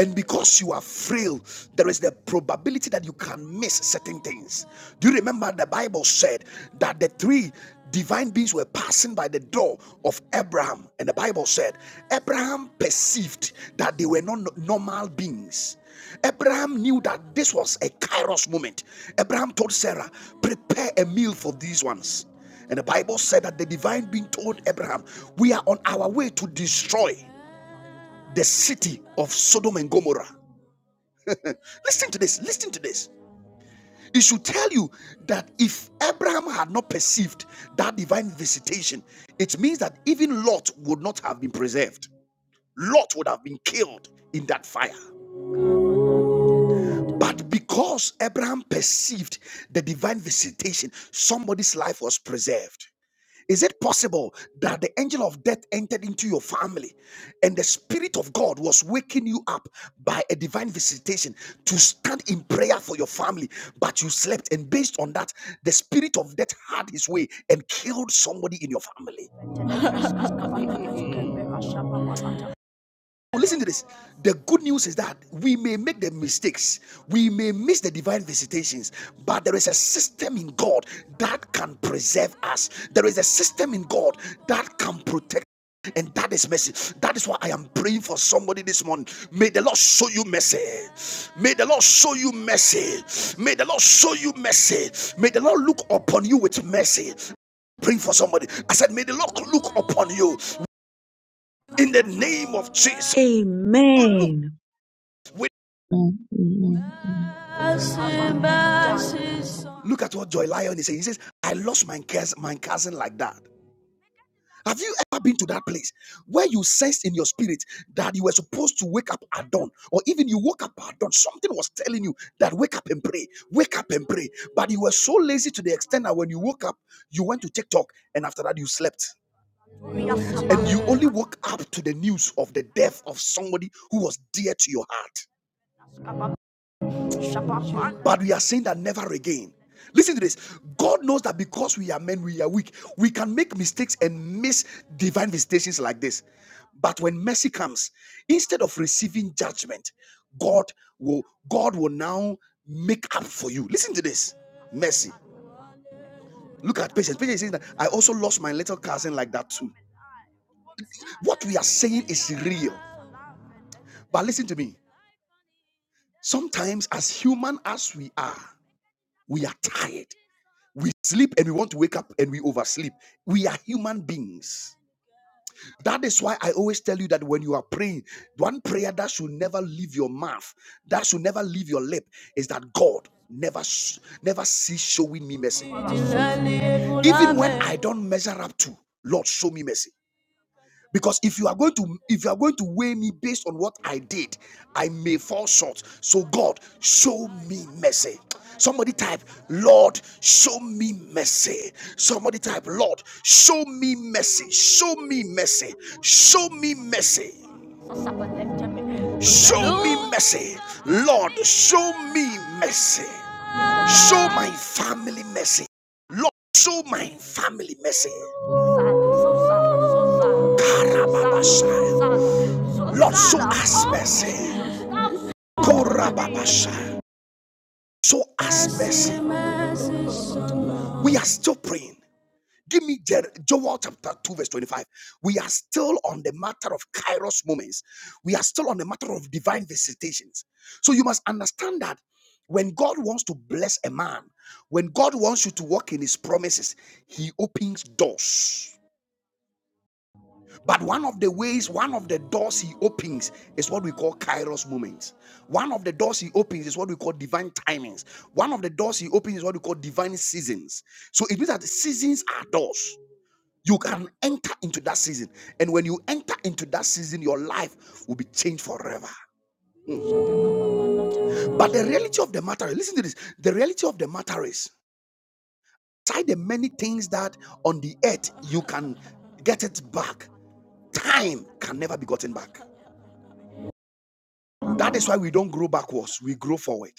S1: And because you are frail, there is the probability that you can miss certain things. Do you remember the Bible said that the three divine beings were passing by the door of Abraham? And the Bible said, Abraham perceived that they were not no, normal beings. Abraham knew that this was a kairos moment. Abraham told Sarah, Prepare a meal for these ones. And the Bible said that the divine being told Abraham, We are on our way to destroy the city of Sodom and Gomorrah. Listen to this, listen to this. It should tell you that if Abraham had not perceived that divine visitation, it means that even Lot would not have been preserved. Lot would have been killed in that fire. But because Abraham perceived the divine visitation, somebody's life was preserved. Is it possible that the angel of death entered into your family and the Spirit of God was waking you up by a divine visitation to stand in prayer for your family, but you slept? And based on that, the Spirit of death had his way and killed somebody in your family. Listen to this. The good news is that we may make the mistakes, we may miss the divine visitations, but there is a system in God that can preserve us. There is a system in God that can protect. And that is mercy. That is why I am praying for somebody this morning. May the Lord show you mercy. May the Lord show you mercy. May the Lord show you mercy. May the Lord look upon you with mercy. Praying for somebody. I said, May the Lord look upon you in the name of Jesus. Look
S3: Amen.
S1: with
S5: Thank you.
S1: Look at what Joy Lion is saying. He says, I lost my cousin, my cousin like that. Have you ever been to that place where you sensed in your spirit that you were supposed to wake up at dawn, or even you woke up at dawn? Something was telling you that wake up and pray, wake up and pray. But you were so lazy to the extent that when you woke up, you went to TikTok, and after that, you slept. And you only woke up to the news of the death of somebody who was dear to your heart. But we are saying that never again. Listen to this. God knows that because we are men, we are weak. We can make mistakes and miss divine visitations like this. But when mercy comes, instead of receiving judgment, God will God will now make up for you. Listen to this. Mercy. Look at patience. Patience is saying that I also lost my little cousin like that too. What we are saying is real. But listen to me. Sometimes, as human as we are, we are tired. We sleep and we want to wake up and we oversleep. We are human beings. That is why I always tell you that when you are praying, one prayer that should never leave your mouth, that should never leave your lip, is that God never, never cease showing me mercy. Even when I don't measure up to, Lord, show me mercy because if you are going to if you are going to weigh me based on what i did i may fall short so god show me mercy somebody type lord show me mercy somebody type lord show me mercy show me mercy show me mercy show me mercy lord show me mercy Show my family mercy. Lord, show my family mercy. Karababasha. Lord, show us mercy. Korababasha. Show us mercy. We are still praying. Give me Jer- Joel chapter 2, verse 25. We are still on the matter of kairos moments. We are still on the matter of divine visitations. So you must understand that when God wants to bless a man, when God wants you to walk in his promises, he opens doors. But one of the ways, one of the doors he opens is what we call kairos moments. One of the doors he opens is what we call divine timings. One of the doors he opens is what we call divine seasons. So it means that seasons are doors. You can enter into that season. And when you enter into that season, your life will be changed forever. But the reality of the matter, listen to this. The reality of the matter is, try the many things that on the earth you can get it back. Time can never be gotten back. That is why we don't grow backwards, we grow forward.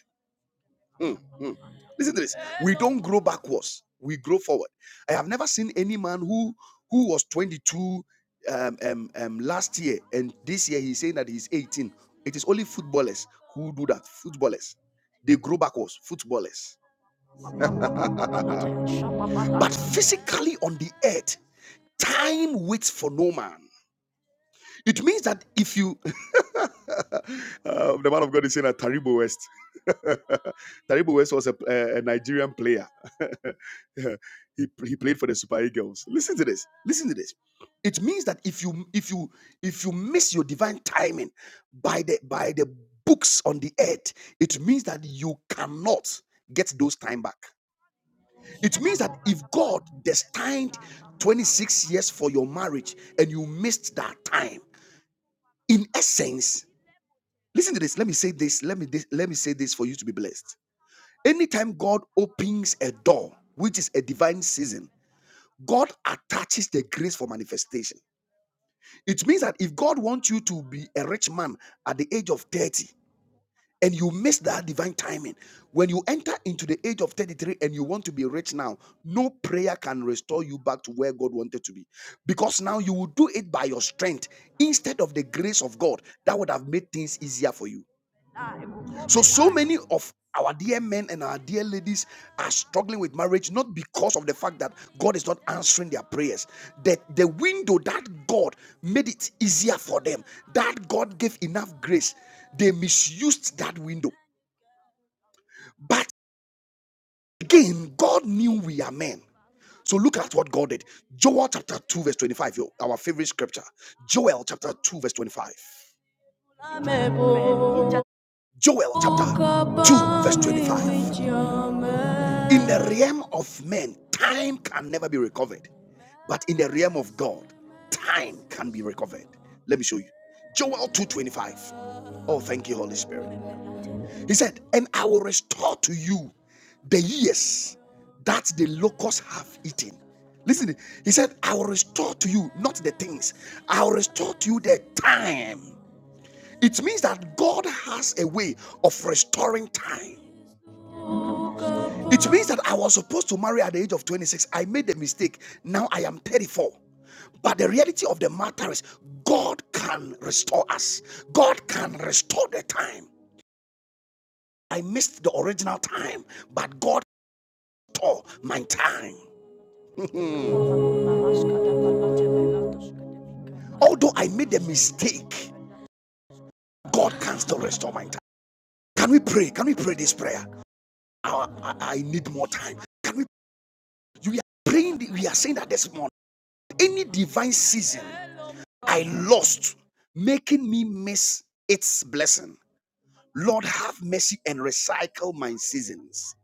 S1: Mm, mm. Listen to this. We don't grow backwards. We grow forward. I have never seen any man who who was 22 um, um, um, last year and this year he's saying that he's 18. It is only footballers who do that. Footballers. They grow backwards. Footballers. <laughs> But physically on the earth, time waits for no man. It means that if you, <laughs> Uh, the man of God is saying that Taribo West, <laughs> Taribo West was a, a Nigerian player <laughs> he, he played for the Super Eagles. Listen to this. Listen to this. It means that if you if you if you miss your divine timing by the by the books on the earth, it means that you cannot get those time back. It means that if God destined 26 years for your marriage and you missed that time, in essence, listen to this. Let me say this. Let me this, let me say this for you to be blessed. Anytime God opens a door, which is a divine season, God attaches the grace for manifestation. It means that if God wants you to be a rich man at the age of 30 and you miss that divine timing, when you enter into the age of 33 and you want to be rich now, no prayer can restore you back to where God wanted to be. Because now you will do it by your strength instead of the grace of God that would have made things easier for you. So, so many of our dear men and our dear ladies are struggling with marriage not because of the fact that God is not answering their prayers. That the window that God made it easier for them, that God gave enough grace, they misused that window. But again, God knew we are men. So look at what God did. Joel chapter 2, verse 25, yo, our favorite scripture. Joel chapter 2, verse 25. Joel chapter 2, verse 25. In the realm of men, time can never be recovered. But in the realm of God, time can be recovered. Let me show you. Joel 2:25. Oh, thank you, Holy Spirit. He said, And I will restore to you the years that the locusts have eaten. Listen, he said, I will restore to you, not the things, I will restore to you the time. It means that God has a way of restoring time. It means that I was supposed to marry at the age of 26. I made the mistake. Now I am 34. But the reality of the matter is, God can restore us, God can restore the time. I missed the original time, but God restored my time. Although I made the mistake, God can still restore my time. Can we pray? Can we pray this prayer? I, I- I need more time. Can we, you are praying, we are saying that this morning. Any divine season I lost, making me miss its blessing. Lord, have mercy and recycle my seasons.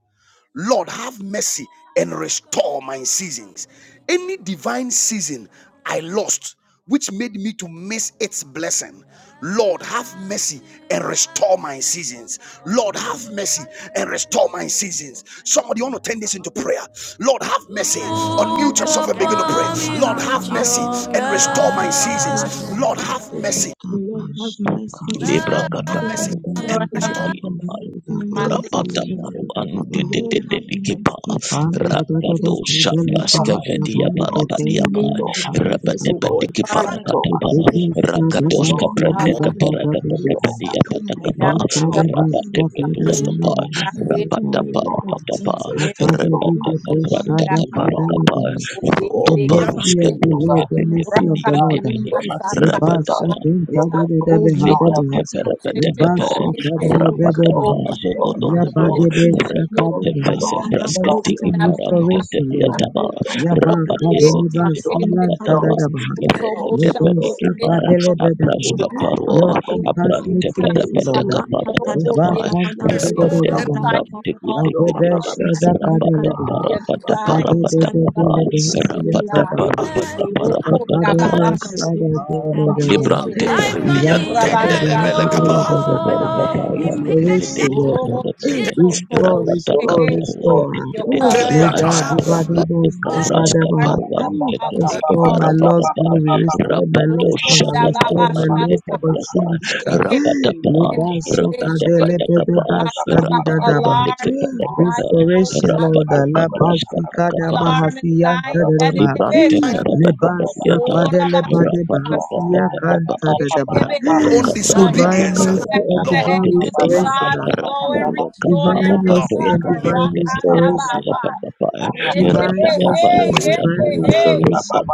S1: Lord, have mercy and restore my seasons. Any divine season I lost, which made me to miss its blessing. Lord, have mercy and restore my seasons. Lord, have mercy and restore my seasons. Somebody want to turn this into prayer. Lord, have mercy. Unmute yourself and begin to pray. Lord, have mercy and restore my
S3: merciful
S1: seasons.
S3: and
S1: Lord, have
S3: good.
S1: mercy.
S3: Lord, have mercy and
S2: Libra
S1: Lord,
S2: kata
S1: have
S3: restore
S1: mercy.
S3: my
S4: Lord, have
S3: season
S1: Restore
S3: in the mighty name
S4: mercy,
S3: of
S2: Rapadabaru
S3: Jesus. Lord, have
S2: andededededikipa.
S3: mercy and restore
S2: Rapado
S3: my season
S6: Restore my
S3: in
S6: sense
S3: the
S2: shabraskevediya
S6: of
S3: mighty
S6: joy.
S2: parabadiyapa.
S3: name
S6: Restore
S3: of
S6: my sense of
S3: Jesus, O
S6: joy.
S3: God.
S2: Rapatepedikipa
S4: Father,
S3: Father,
S6: Restore my
S3: Have
S2: rakatapa.
S6: season,
S3: mercy and restore
S2: Rakadoska
S6: Lord. I
S3: my
S1: I will
S6: bless
S4: Baba.
S6: you.
S3: season.
S6: Restore my
S3: Recycle
S6: season.
S3: my
S2: prendekaperakatekepediyapatakapa.
S4: Yanda,
S3: season,
S6: Restore my
S3: restore my
S6: season.
S1: restore
S3: season in
S2: Rapatepetuakapa.
S6: Restore
S3: the
S6: my
S4: yanda, yanda,
S6: season.
S3: mighty name
S6: Lord,
S3: of
S6: I bless
S2: Rapataparapatapa.
S6: you.
S3: Jesus.
S4: yanda,
S6: Restore
S3: Every
S6: my season.
S3: divine season I
S6: Restore
S3: have
S6: my
S2: Repetekaprandekaparakapa.
S3: missed,
S6: season.
S3: oh
S4: yanda, yanda,
S5: the
S3: God.
S4: yanda,
S6: Restore my
S5: mercy of
S4: yanda,
S6: season,
S3: Father,
S5: the
S6: oh
S5: Lord,
S6: God.
S5: the
S3: so
S5: mercy
S6: Oh
S3: in
S5: of
S4: yanda.
S5: the
S3: the
S6: God,
S5: Lord.
S3: name
S2: Rutuparuskepresketepedibedebede.
S6: restore
S4: Your
S3: of
S6: my season,
S3: Jesus,
S6: oh God.
S5: Lebasha
S2: Rapatapa.
S5: kunta
S6: Lord,
S5: da
S6: I
S5: da da
S6: bless
S3: Oh,
S6: you.
S5: beha
S3: look,
S5: da
S6: Lord, I
S2: Libran
S5: beha.
S6: bless
S3: please
S2: tepe
S6: you.
S3: come
S2: tepe
S3: here to
S2: tepe tepe
S3: help
S6: Restore,
S3: me
S5: Lebasha
S3: in
S5: da
S3: that
S5: da
S6: restore,
S5: da
S3: prayer.
S2: rapa
S5: da
S3: Come
S5: da
S6: restore,
S3: here,
S2: tepe
S5: beha.
S3: help
S2: zoko
S6: restore,
S3: me,
S2: toko
S3: Father
S2: do
S3: God.
S5: Yaba
S6: restore.
S5: de
S3: Please,
S5: besha
S3: please,
S5: ka
S2: repe
S6: Restore,
S5: da
S3: please,
S2: tepe
S3: help
S5: beha.
S3: me,
S6: restore,
S2: se
S3: Father.
S2: praska
S6: restore,
S3: Please,
S5: Mercy
S2: tiki
S3: come,
S5: and
S3: come,
S2: param
S3: come,
S6: restore,
S3: come, come,
S2: tepe
S5: restoration,
S2: dia
S5: Lord.
S3: come, come,
S2: taba
S3: please,
S6: restore,
S3: come, come, come,
S5: Yaba
S2: rapa
S3: come,
S5: ka
S3: oh,
S5: de
S6: restore,
S2: tepe
S3: Satan.
S2: tiki
S5: lebasi
S6: restore, restore,
S3: Please,
S2: param
S3: come,
S5: yanta
S6: restore.
S5: da
S2: tepe
S3: please,
S5: da
S3: come,
S5: beha.
S3: come, come,
S2: repe
S6: Restore,
S3: come, come,
S2: tepe
S3: come, please,
S2: tiki
S5: Lebasha ka
S3: come, come,
S5: de
S2: param
S3: come,
S5: lebe da
S3: come, come,
S5: beha.
S2: apraska
S5: Your
S2: paro
S3: come, please, come,
S2: abran
S5: compassionate
S3: come,
S5: mercy, Lord.
S2: teperepetepepe,
S3: come, come, please, come, come, come, come, come. Rock, come, come,
S5: Yaba
S3: come,
S2: rapatapazogodogodo,
S5: ka
S3: come,
S5: da da
S2: repetepesepraskatikiparantetepiataba, rapatepetikiparapadapa,
S5: da
S2: repetepedikipa, apraskaparo, abranteperepetekaparapadapa,
S5: beha. La de
S2: repetepeprantikitikiti,
S5: besha da ka de lebe.
S4: design,
S5: Sade de
S4: my
S2: rapataparapataparapatapa,
S5: de de le
S4: God,
S3: oh,
S5: de
S4: is
S5: hasiya sada
S4: God.
S5: ba.
S3: I
S5: Ika
S4: Roko
S3: want
S4: da
S5: kada
S3: to
S2: rapataparapataparapatapa,
S5: ba
S3: see
S4: baba shoko
S3: God's
S5: sada de
S3: the
S5: de de
S3: dance
S5: ba.
S3: every
S4: ebese.
S2: Librante per
S1: life
S2: di
S1: money
S3: divine
S1: that
S5: Iyan
S2: pada
S5: sada
S2: pata.
S3: Thank
S5: de ha
S4: Rabasha
S5: de
S1: Yantendelebele
S5: de
S1: kapa.
S5: le de
S2: Roboto
S5: de ba.
S2: boro
S6: Lord,
S1: oh he
S6: have
S2: papayan
S1: make
S6: mercy.
S2: tete
S5: Restoration,
S1: it
S2: di
S5: Lord.
S2: kita
S4: robo
S6: Restore,
S2: tete.
S6: mercy.
S4: so
S5: Restore,
S4: tobo
S2: Rapata
S6: Restore,
S5: restore,
S4: shehe.
S2: kaparuan
S6: restore,
S5: restore.
S4: Your
S2: tete
S6: restore,
S4: cup
S2: di
S5: Le
S2: apa?
S4: runneth
S6: restore,
S5: da
S1: Teliata.
S5: de ba
S4: over.
S6: restore.
S5: da ba
S2: Rapate
S6: Ah,
S5: sada
S6: ba,
S2: kabras
S5: da
S6: ba,
S5: ba.
S6: ba, ba,
S2: kaparuan
S6: ba, ba, ba,
S2: tete
S6: ba,
S2: di
S4: follow us
S6: ba,
S5: Restore
S4: all
S2: ipara
S5: my
S4: the
S2: pada
S5: lost
S6: ba, ba, ba,
S2: para.
S4: day.
S5: glory.
S6: ba, ba. ba, ba.
S5: Restore my
S2: Rapato
S5: lost
S6: Ah,
S5: honor.
S2: shaka
S4: Rukunda
S6: ba, ba,
S5: Restore
S4: Baba
S6: ba,
S5: my
S6: ba,
S2: paruan
S6: ko,
S5: lost
S2: tete
S6: sha,
S4: Shata,
S2: di
S6: ta, ka,
S2: apa?
S6: ka, ka,
S5: opportunities.
S6: ka,
S5: sir.
S6: ka.
S4: Yeke,
S2: Rapata
S5: Le
S6: Ah,
S2: pa.
S5: ba
S4: Shende,
S5: so
S4: Dede,
S2: Rapata
S6: ba,
S5: kade
S6: ba,
S4: She,
S5: le
S6: ko,
S2: pada
S5: be
S6: sha,
S5: de
S6: ka,
S2: kapa.
S5: ba
S6: ka, ka,
S4: Bata,
S5: sadi
S4: Ba,
S6: ka,
S5: da
S2: Rapata
S6: ka,
S5: da
S6: ka, ka.
S5: ba.
S2: pada
S4: Alarm,
S2: kita
S4: Zion,
S2: tete.
S4: Bo,
S5: Restoration,
S4: Sata,
S5: Lord,
S2: Rapato
S5: la
S2: kabras kapa
S5: basika da
S4: the
S2: kapa
S4: alarm in
S5: bahasia
S4: Zion,
S5: da
S4: that it
S5: ba,
S2: Librante
S4: is
S5: le basa
S2: parabadabadiata
S5: pade
S4: Ora
S5: le
S4: Ba,
S5: pade
S4: Shakata,
S5: bahasia
S2: rabadabadabadaba
S5: kanta da da ba.
S4: Ede, Be,
S1: own
S4: Se.
S5: Divine
S1: disobedience.
S2: rabadokabradabadabadu
S5: mercy
S4: Dispatch
S5: and
S1: Lord,
S4: the
S5: divine
S4: angels of
S2: antiteteti
S3: you.
S5: restoration,
S4: God
S5: Lord.
S4: to go and
S3: Thank
S4: restore and
S5: divine
S2: rabadokaparabadosakabraskatakapadiyabadaba
S1: Lord,
S5: mercy and
S4: recover.
S1: me
S5: divine
S4: Rakanda
S5: restoration,
S4: Baha, Ede,
S5: divine
S4: Be,
S5: mercy
S4: Hey,
S5: and
S1: wasted.
S2: rabadabarabadaba
S5: divine
S4: Ede, Hey,
S5: restoration.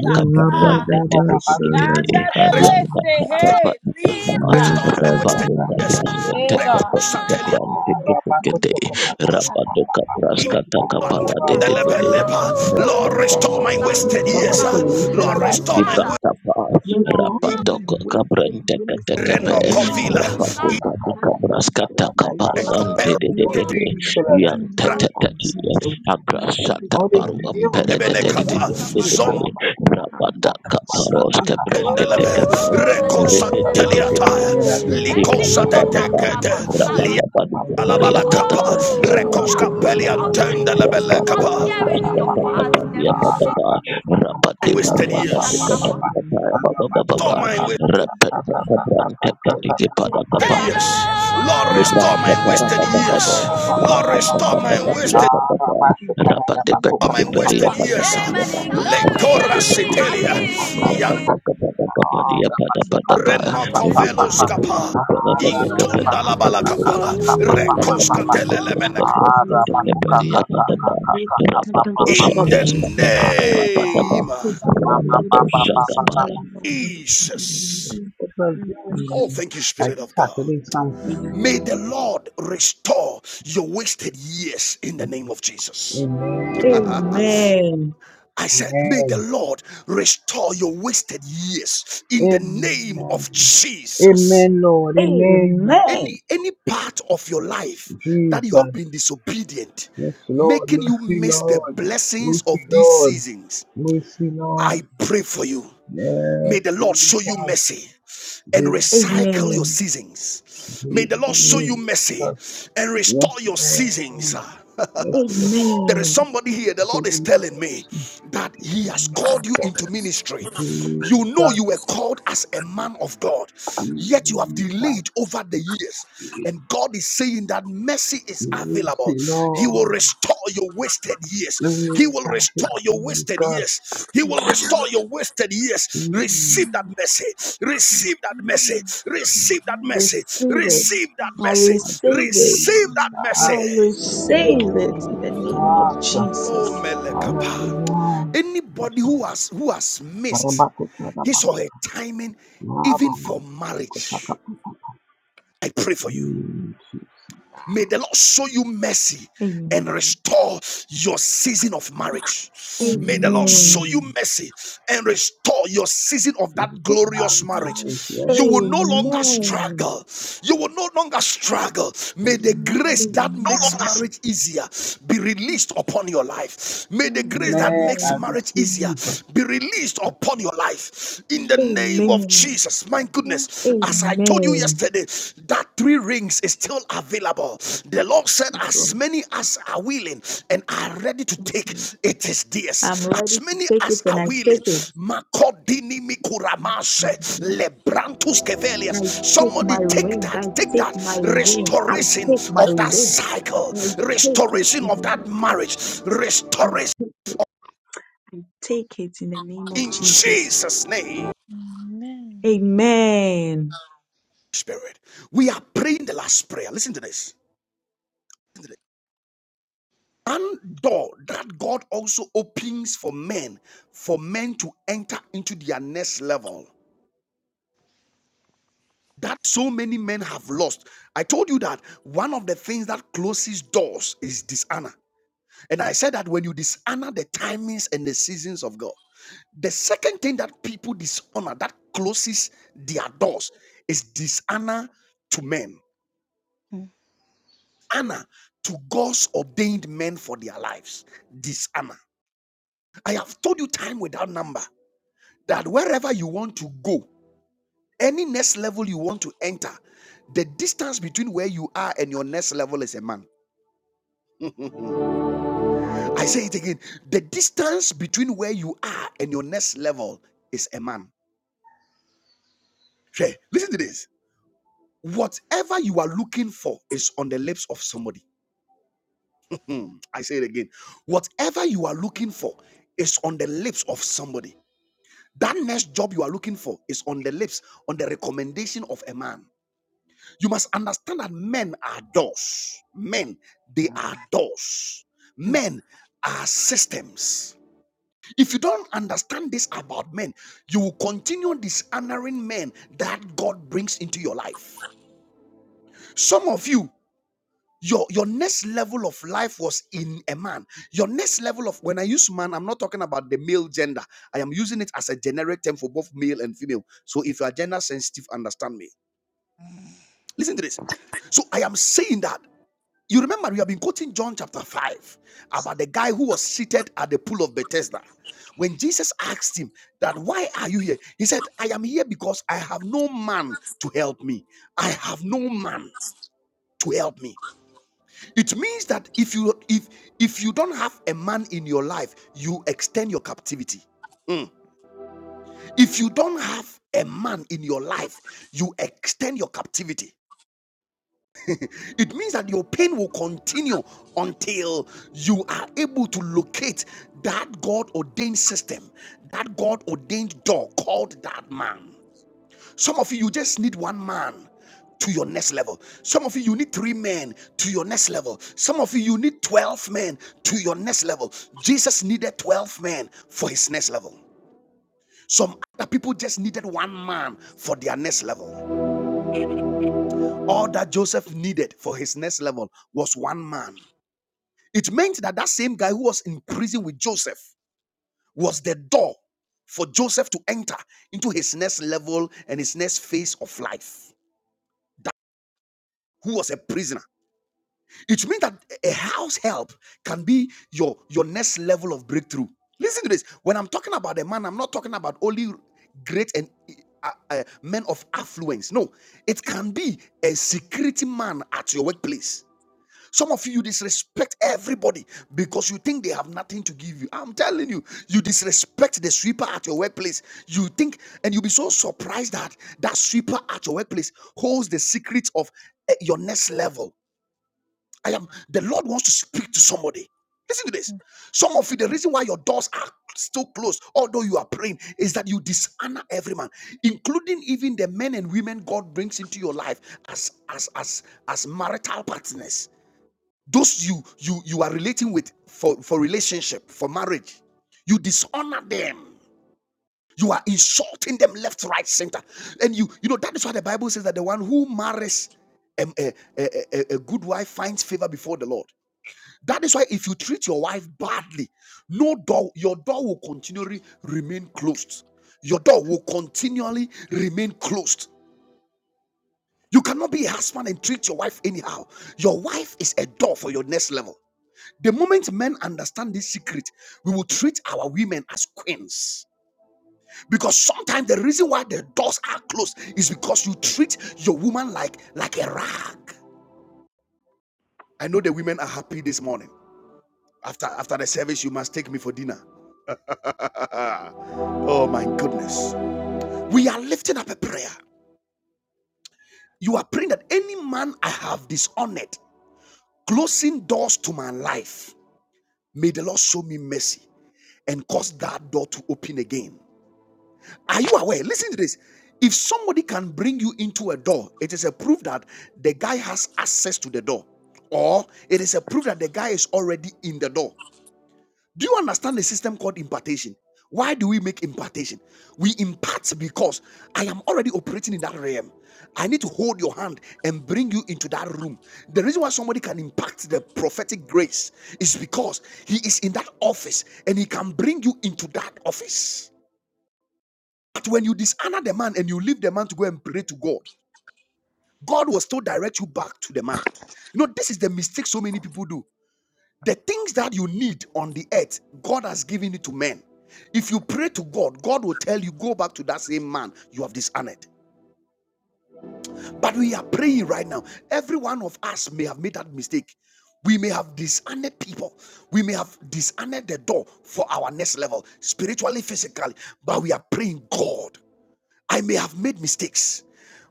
S5: Ya la ba da ba sha
S2: rabadokabraskatakaparuantetetetetete
S5: da da
S4: Yanda da beste,
S3: you.
S4: hey,
S2: yapapapapatitapa
S1: Restore
S4: Lisa.
S1: my wasted years.
S4: Ega.
S1: Reconcile
S2: rabadokabraskatakapadikabrantitetetete
S1: us in
S2: rabadokabraskatakaparadededede
S1: Yantendelebeleba. Lord, restore
S2: Rapat
S1: my wasted
S6: Zumba
S1: years.
S6: School, are you still
S1: Lord,
S6: alive?
S1: restore my wasted
S3: Lord,
S6: No.
S3: restore my
S2: toko kabran
S3: wasted
S2: teka
S3: years
S2: teka
S3: in the
S2: pe
S1: Reno
S3: name of
S1: Covila.
S2: rapat
S3: Jesus.
S2: teka
S3: Lord,
S2: duka beras
S3: restore
S2: kata
S3: my
S2: kaparuan
S3: wasted
S1: Ibeko
S2: dede
S6: No
S3: years
S2: dede
S6: way
S3: in
S2: dede
S3: the
S6: he's still
S2: yang
S6: alive.
S3: mighty name
S2: tete
S3: of
S2: tete
S3: Jesus. Lord,
S2: agak sata
S6: All the
S3: restore my
S2: paruan
S6: videos.
S2: pere
S1: Ebene
S3: wasted
S2: tete dede dede
S3: years,
S2: dede
S3: O
S1: Kapa.
S3: God.
S2: dede
S3: Lord,
S2: rapat
S3: I'm
S2: dak
S3: achieved
S2: kaparos
S3: in
S2: kabras
S3: time
S2: kete
S3: for
S2: kete
S3: Christ
S1: Recosa
S3: in
S2: repete
S3: the
S1: Teliata,
S2: dede
S6: I know that name.
S3: achieve.
S2: Ribra
S3: Lord,
S1: Licosa de
S2: bapa
S3: show
S6: Araba
S2: bapa,
S3: me
S6: kusa
S1: Decade,
S3: mercy
S6: kaka
S3: and
S2: berapa
S1: Lia
S2: bapa
S3: restore
S2: di
S3: unto
S2: keria
S1: Alabala
S3: me.
S2: tata
S1: Kappa,
S2: bapa
S3: Father, show me
S2: kawan
S1: Recosca
S2: titik
S3: mercy
S1: Pelia
S2: titik,
S3: and restore unto
S2: berapa
S1: Tendelebele Kappa.
S2: bapa
S3: me.
S2: beras kata
S3: Show
S2: bapa
S3: me
S2: dia bapa bapa,
S3: mercy and
S2: Rapat di
S3: restore
S1: Wasted
S2: kepada rapat
S1: years,
S3: unto me
S1: restore my wasted
S3: name of
S2: kata
S3: Jesus, oh
S2: berantek
S3: God.
S2: kata
S3: So
S2: kepada bapa.
S3: we
S1: years,
S3: receive this
S1: Lord,
S3: thank
S1: restore
S2: Libran
S3: you
S1: my
S2: tata tata
S1: wasted
S3: and
S1: years,
S2: tata
S1: Lord,
S2: tata
S1: restore
S2: tata
S3: in the
S2: tata
S3: name
S1: my
S2: dia
S1: wasted.
S2: tata
S3: of Jesus.
S2: Rapat
S3: Lord,
S2: depan D
S3: we
S1: My
S2: P
S3: stop
S2: R
S3: the
S2: ya
S1: wasted
S2: tata
S3: work
S1: years,
S2: tata
S3: of
S2: dia
S3: the
S2: Rapat
S1: Lecora
S2: depan dia
S3: Lord,
S2: Rapat
S1: Citelia,
S2: kepada
S3: in
S2: kepada
S3: the
S2: dia pada
S3: mighty
S2: pada
S3: name of
S2: pada
S1: Reno
S2: yang
S3: Jesus,
S2: itu
S1: Covelo
S3: in the name
S1: Scapa,
S3: of Jesus.
S2: depan depan
S3: Lord,
S2: kepada kepada kepada
S1: Intondalabalacapa,
S5: Restore,
S2: Rapat
S5: restore,
S1: Recosca
S2: kepada
S5: restore,
S2: kontras
S1: Telelemeneca,
S2: kontras
S3: Lord,
S6: Arama,
S2: kepada
S3: cut
S6: kuka
S3: that up,
S2: dia
S5: restore,
S3: up,
S6: kaka,
S5: restore,
S2: pada
S3: up,
S6: kaka,
S3: Lord,
S2: pada
S6: kaka,
S3: cut
S2: Rapat
S3: that up,
S6: papa,
S3: up,
S6: papa,
S2: dosa
S3: up,
S1: in
S3: up.
S5: restore,
S1: the
S5: restore,
S2: dosa
S5: restore.
S2: kepada Rapat apa
S3: Lord,
S1: name
S3: take,
S1: of
S5: Is the
S3: take, take,
S2: Rapat
S5: only
S3: Lord,
S6: papa,
S2: dosa
S3: so,
S5: beautiful
S6: papa,
S3: so, so,
S5: thing.
S6: papa,
S2: kepada
S3: Lord, Lord.
S5: Jesus,
S3: In
S5: thank you.
S3: the
S1: Jesus.
S3: name of Jesus,
S6: Again,
S1: Oh,
S5: Amen.
S1: thank you,
S6: I
S1: Spirit
S6: just
S1: of
S6: have to
S1: God.
S6: do something.
S1: May the Lord restore your wasted years in the name of Jesus. <laughs>
S6: Amen.
S1: I
S3: Amen.
S1: said, May the
S6: Amen.
S1: Lord restore your wasted years in the name of
S6: Amen.
S1: Jesus.
S6: Amen, Lord. Amen.
S3: Amen.
S1: any any part of your life that you have
S6: Jesus.
S1: been disobedient
S6: Yes, Lord.
S1: making you
S6: Mercy,
S1: miss the
S6: Lord.
S1: blessings
S6: Mercy,
S1: of these
S6: Lord.
S1: seasons
S6: Mercy,
S1: i
S6: Lord.
S1: pray for you may
S6: Yes,
S1: the lord show
S6: Jesus.
S1: you mercy and recycle your
S6: Jesus.
S3: Amen.
S1: seasons may the lord show you
S3: Amen.
S1: mercy
S6: Jesus.
S1: and
S6: Yes,
S1: restore your seasons
S6: Lord. Yes, Lord.
S1: <laughs> there is
S3: Amen.
S1: somebody here the
S6: Show
S1: lord is
S6: me
S1: telling me
S6: mercy.
S1: that he has called you
S6: Jesus.
S1: into ministry you know
S6: Jesus.
S1: you were called as a man of god yet you have delayed over the years
S6: Jesus.
S1: and God is saying that mercy is
S6: Mercy,
S1: available. He will
S6: Lord.
S1: restore your wasted years.
S6: Mm,
S1: He will
S6: Thank you,
S1: restore your wasted
S6: Jesus.
S1: years. He will restore your wasted years.
S6: Mm,
S1: Receive that mercy. Receive that mercy. Receive that mercy.
S3: Receive it.
S1: Receive that
S3: I
S1: mercy.
S6: my
S3: receive it.
S1: Receive
S6: Jesus.
S1: that mercy.
S3: I receive it in the name of
S6: Jesus.
S1: Oh,
S3: Jesus. Thank you.
S1: Melekapa.
S6: Hallelujah.
S1: Anybody who
S6: Jesus.
S1: has who has missed
S6: Barabako,
S1: his
S6: barabako.
S1: or her timing, even
S6: Marama.
S1: for
S6: Kotaka,
S1: marriage,
S6: pataka.
S1: I pray for you.
S6: Mm, Jesus.
S1: May the Lord show you mercy and
S3: Amen.
S1: restore your season of marriage. May the Lord show
S6: Mm,
S1: you
S3: Amen.
S1: mercy and restore your season of that
S6: Good man,
S1: glorious marriage.
S6: yes,
S1: You will no
S6: Lord. Yes,
S1: longer
S6: Lord.
S3: Amen.
S1: struggle. You will no longer struggle. May the grace that makes
S3: Amen.
S1: marriage easier be released upon your life. May the grace that
S6: Amen.
S1: makes
S6: I
S1: marriage easier
S6: receive.
S1: be released upon your life. In the name of
S3: Amen.
S1: Jesus, my
S3: Amen.
S1: goodness, as I told you
S3: Amen.
S1: yesterday, that three rings is still available. The Lord said,
S3: Thank
S1: As
S3: you.
S1: many as are willing and are ready to
S3: Yes,
S1: take,
S3: ma'am.
S1: it is
S3: I'm
S1: theirs.
S3: ready
S1: As
S3: to
S1: many
S3: take it
S1: as are
S3: and I take
S1: willing,
S3: it.
S1: Makodini Mikuramashe, Lebrantus
S3: I
S1: Kevelius.
S3: take
S1: Somebody
S3: my
S1: take
S3: ring. I
S1: that, take
S3: take
S1: that
S3: my ring. I
S1: restoration
S3: take my
S1: of that
S3: ring.
S1: cycle,
S3: I take it
S1: restoration
S3: in
S1: of
S3: the
S1: that
S3: name of
S1: marriage,
S3: Jesus. I
S1: restoration
S3: take it. I take it in the name of
S1: in
S3: Jesus.
S1: Jesus' name.
S3: Amen.
S1: Spirit, we are praying the last prayer. Listen to this. One door that God also opens for men, for men to enter into their next level. That so many men have lost. I told you that one of the things that closes doors is dishonor. And I said that when you dishonor the timings and the seasons of God, the second thing that people dishonor that closes their doors is dishonor to men. Honor to God's ordained men for their lives. Dishonor. I have told you time without number. that wherever you want to go, any next level you want to enter, the distance between where you are and your next level is a man. <laughs> I say it again. The distance between where you are and your next level is a man. Hey, listen to this. Whatever you are looking for is on the lips of somebody. <laughs> I say it again. Whatever you are looking for is on the lips of somebody. That next job you are looking for is on the lips, on the recommendation of a man. You must understand that men are doors. Men, they are doors. Men are systems. If you don't understand this about men, you will continue dishonoring men that God brings into your life. Some of you, your, your next level of life was in a man. Your next level of, when I use man, I'm not talking about the male gender. I am using it as a generic term for both male and female. So if you are gender sensitive, understand me. Listen to this. So I am saying that. You remember we have been quoting John chapter 5 about the guy who was seated at the pool of Bethesda. When Jesus asked him that why are you here? He said, I am here because I have no man to help me. I have no man to help me. It means that if you if if you don't have a man in your life, you extend your captivity. Mm. If you don't have a man in your life, you extend your captivity. It means that your pain will continue until you are able to locate that God ordained system, that God ordained door called that man. Some of you, you just need one man to your next level. Some of you, you need three men to your next level. Some of you, you need 12 men to your next level. Jesus needed 12 men for his next level. Some other people just needed one man for their next level. All that Joseph needed for his next level was one man. It meant that that same guy who was in prison with Joseph was the door for Joseph to enter into his next level and his next phase of life. Who was a prisoner? It means that a house help can be your your next level of breakthrough. Listen to this. When I'm talking about a man, I'm not talking about only great and uh, uh, men of affluence. No, it can be a security man at your workplace. Some of you, you disrespect everybody because you think they have nothing to give you. I'm telling you, you disrespect the sweeper at your workplace. You think, and you'll be so surprised that that sweeper at your workplace holds the secrets of eh, your next level. I am, the Lord wants to speak to somebody. Listen to this. Some of you, the reason why your doors are still closed, although you are praying, is that you dishonor every man, including even the men and women God brings into your life as as as as marital partners those you you you are relating with for, for relationship, for marriage, you dishonor them. You are insulting them left, right, center. And you you know that is why the Bible says that the one who marries um, a, a, a, a good wife finds favor before the Lord. That is why if you treat your wife badly, no door, your door will continually remain closed. Your door will continually remain closed. You cannot be a husband and treat your wife anyhow. Your wife is a door for your next level. The moment men understand this secret, we will treat our women as queens. Because sometimes the reason why the doors are closed is because you treat your woman like like a rag. I know the women are happy this morning. After after the service, you must take me for dinner. <laughs> oh my goodness. We are lifting up a prayer. You are praying that any man I have dishonored, closing doors to my life, may the Lord show me mercy and cause that door to open again. Are you aware? Listen to this. If somebody can bring you into a door, it is a proof that the guy has access to the door, or it is a proof that the guy is already in the door. Do you understand the system called impartation? Why do we make impartation? We impart because I am already operating in that realm. I need to hold your hand and bring you into that room. The reason why somebody can impact the prophetic grace is because he is in that office and he can bring you into that office. But when you dishonor the man and you leave the man to go and pray to God, God will still direct you back to the man. You know, this is the mistake so many people do. The things that you need on the earth, God has given it to men. If you pray to God, God will tell you, go back to that same man you have dishonored. But we are praying right now. Every one of us may have made that mistake. We may have dishonored people. We may have dishonored the door for our next level, spiritually, physically. But we are praying, God. I may have made mistakes,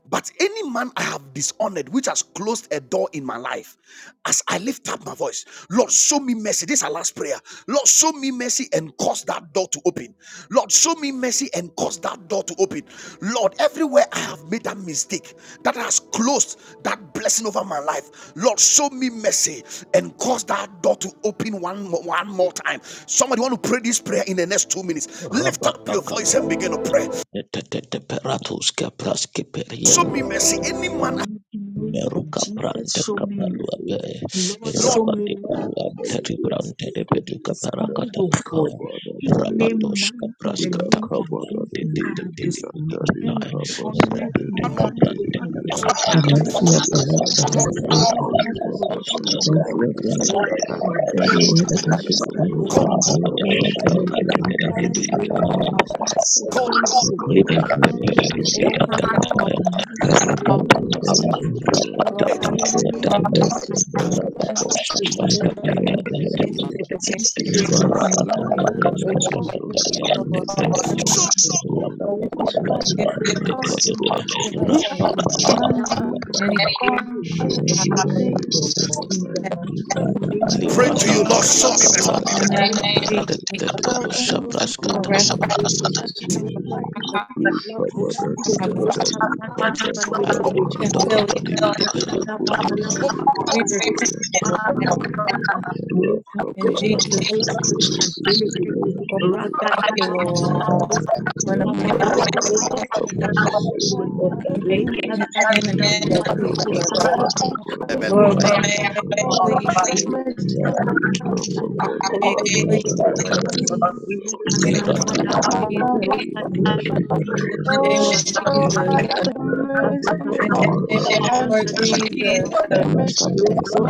S1: but any man I have dishonored, which has closed a door in my life, as I lift up my voice, Lord, show me mercy. This is our last prayer. Lord, show me mercy and cause that door to open. Lord, show me mercy and cause that door to open. Lord, everywhere I have made that mistake that has closed that blessing over my life, Lord, show me mercy and cause that door to open one, one more time. Somebody want to pray this prayer in the next two minutes. Lift
S2: rapat
S1: up your voice and
S2: kepada
S1: begin to pray
S2: tetet teperatus kepras
S1: show
S2: keperian
S1: me mercy. Any
S3: The
S1: man,
S3: mighty name of
S2: Meruka
S3: Jesus,
S2: prante
S3: show me
S2: kapalua pe
S3: mercy. Lord,
S1: Lord,
S3: show me
S2: rapati paru anteri
S3: mercy.
S2: prante de peduka parakata
S3: Dishonorable
S2: kapal.
S3: God. In name
S2: rapatos
S3: man in
S2: kapras
S3: the
S2: kata
S3: name of Jesus,
S2: paruante te
S5: Thank
S3: I
S2: te
S3: have
S2: te te
S3: dishonored
S2: te
S5: you,
S2: te
S5: Father,
S2: kita
S3: and honored
S5: Lord,
S2: rapete
S5: Father,
S3: in
S1: more,
S3: my way
S2: kaprante
S5: Father.
S3: of the
S1: lost
S2: kaprante
S5: The
S3: altar.
S2: kapa
S5: mercy
S7: Mercy
S5: of the
S7: of my
S5: Lord, the
S7: head,
S1: more,
S7: O
S5: mercy
S7: Lord,
S5: of
S3: Lord,
S5: the
S2: rapata
S7: Lord,
S3: friends, Lord,
S7: Papa,
S2: parapata
S3: show me
S7: Son,
S5: the
S3: the
S7: Lord,
S5: mercy of the
S3: mercies,
S5: Lord.
S3: Lord,
S2: rapata
S3: and
S2: parapata
S1: rebel,
S5: Every
S7: Show
S3: prevent
S5: word
S7: me
S5: that I've
S2: parapata
S7: mercy,
S3: anyone
S7: O
S3: and
S5: decided
S7: Lord,
S1: call,
S5: for the
S3: open
S7: Lord,
S3: my
S5: great
S3: door.
S2: rapatos
S5: and
S7: Papa, Son,
S3: In
S2: kaprante
S5: indirectly,
S3: the
S2: te
S5: we
S2: te te
S5: got
S2: te
S5: one
S3: mighty
S7: In
S2: kita
S5: stuck
S7: the
S3: name
S5: out
S3: of
S7: man,
S5: our
S7: O
S3: Jesus
S1: call,
S7: Lord,
S3: Christ,
S7: that
S3: O
S7: I
S5: people
S3: God.
S7: have
S5: that
S2: Libran
S5: could
S2: Librantepere dia
S3: Oh,
S7: disrespected, O
S3: Father,
S2: pada
S4: Rokunda
S3: in the
S2: kapal
S4: baba.
S2: yang
S7: Lord,
S3: mighty
S7: in my
S5: see
S2: rapat
S3: name
S5: the
S7: kind of
S2: kapal
S7: getting
S3: Jesus,
S5: good
S7: to
S3: oh
S7: where
S2: rapat
S7: I
S3: God,
S1: eh,
S7: am,
S2: kapal
S5: We
S3: any
S7: Lord,
S5: pray
S3: man
S5: for
S2: rapat
S5: the
S2: kapal
S3: and
S5: mercy of the
S7: that
S5: Lord
S2: rapat
S7: has
S3: woman,
S7: cost
S2: dosa
S3: oh
S7: me,
S5: by
S7: O
S2: pras
S5: the
S3: God,
S7: Lord.
S5: power of
S3: in
S2: kaparian
S5: the
S3: the
S5: Holy
S7: Oh,
S3: name
S5: Ghost.
S4: este,
S3: of
S7: to this
S3: Jesus
S7: day,
S5: We
S4: este,
S3: is
S5: have
S7: O
S5: our
S3: what
S7: Lord,
S3: you
S5: stuck
S2: rapat
S3: want
S5: out
S2: dosa
S5: of
S4: este.
S3: me
S5: the
S7: the
S2: pras
S3: of
S5: Lord.
S3: the
S7: mercies
S4: Yes,
S7: of
S3: earth.
S7: the
S2: kaparian
S7: Lord,
S3: and
S7: O
S5: We
S4: Lord,
S5: thank
S3: Oh,
S7: Lord,
S4: forgive,
S5: you,
S3: maybe
S1: show
S3: my
S5: Lord.
S3: God,
S7: oh,
S2: rapat
S7: let
S3: oh,
S7: it
S3: Father,
S5: Yeah,
S2: kaparuan
S7: not,
S3: I
S7: O
S4: forgive,
S3: pray
S7: Lord,
S3: that you
S4: Lord,
S7: depart
S3: see my
S7: from me, O
S4: forgive us
S7: Lord,
S3: mercy
S8: Sandra
S1: who
S2: rapat
S7: show
S3: and so many things. We
S7: me
S1: don't
S3: bring
S2: papa
S3: down
S7: mercy, O
S3: now
S4: in
S3: and
S7: Lord,
S8: Composite
S3: give me light
S7: show me
S4: our
S3: and
S7: mercy,
S3: open
S7: O
S3: the door.
S7: Lord, and
S3: In
S7: allow
S3: the
S4: past.
S7: me to your
S3: mighty name of
S7: greatness,
S1: pray
S7: O
S1: to
S2: Libranda
S1: you,
S7: Lord,
S3: Jesus,
S1: Lord,
S3: we
S2: baru
S1: show me mercy.
S7: allow
S4: In
S3: lift
S4: the
S2: kaprante
S3: up
S7: me
S4: name
S7: to
S4: of
S3: this-
S7: your
S2: kapere
S4: Jesus,
S7: greatness, O Lord,
S2: dosa
S3: Father,
S2: pras
S7: in
S2: kata
S7: the
S4: arrest
S7: mighty name of
S3: we
S4: our
S3: lift
S7: Jesus.
S3: up
S4: apology,
S7: Rekabadati
S3: Rakata
S4: Father,
S7: and Dali
S4: for
S7: Kababadabaha,
S2: do do do
S4: reconciliation.
S2: di di berada
S7: Rekodobosundurebebe
S4: We repent,
S7: and
S4: Lord, now
S7: Daliba.
S8: Garden
S4: in
S7: Rakabada
S4: Jesus.
S7: Basandiri Guriti and
S4: Oh, thank you, Lord.
S7: kababala
S4: When a man plays
S7: Rakababala
S4: God,
S7: Kabasandiri
S4: make
S7: Guriti
S4: his enemies at peace with
S7: Kabara
S4: him.
S7: Babala
S4: Lord,
S7: Baba
S4: may our way
S7: Sandiri
S4: please you.
S7: Bibi
S4: our
S7: kababala Baba
S4: please.
S7: Sandiri Babala
S4: In
S3: Minikasta
S4: the name of
S2: libra
S7: bibi
S5: but
S3: padabala
S4: Jesus,
S3: prosa
S7: and
S5: Yeah,
S3: dele
S7: Dali
S3: kutia
S4: in the name of
S7: Kabasandiri
S3: kaboshata.
S7: Baba
S4: Jesus,
S3: Minikasta
S4: in
S7: Rakababala
S2: tapeti
S3: padabala
S4: the name of the
S3: padabala
S4: Lord
S7: Kabasandiri bibi
S4: Jesus,
S3: padabala
S7: Rakabadabasandelebedeandalekababala.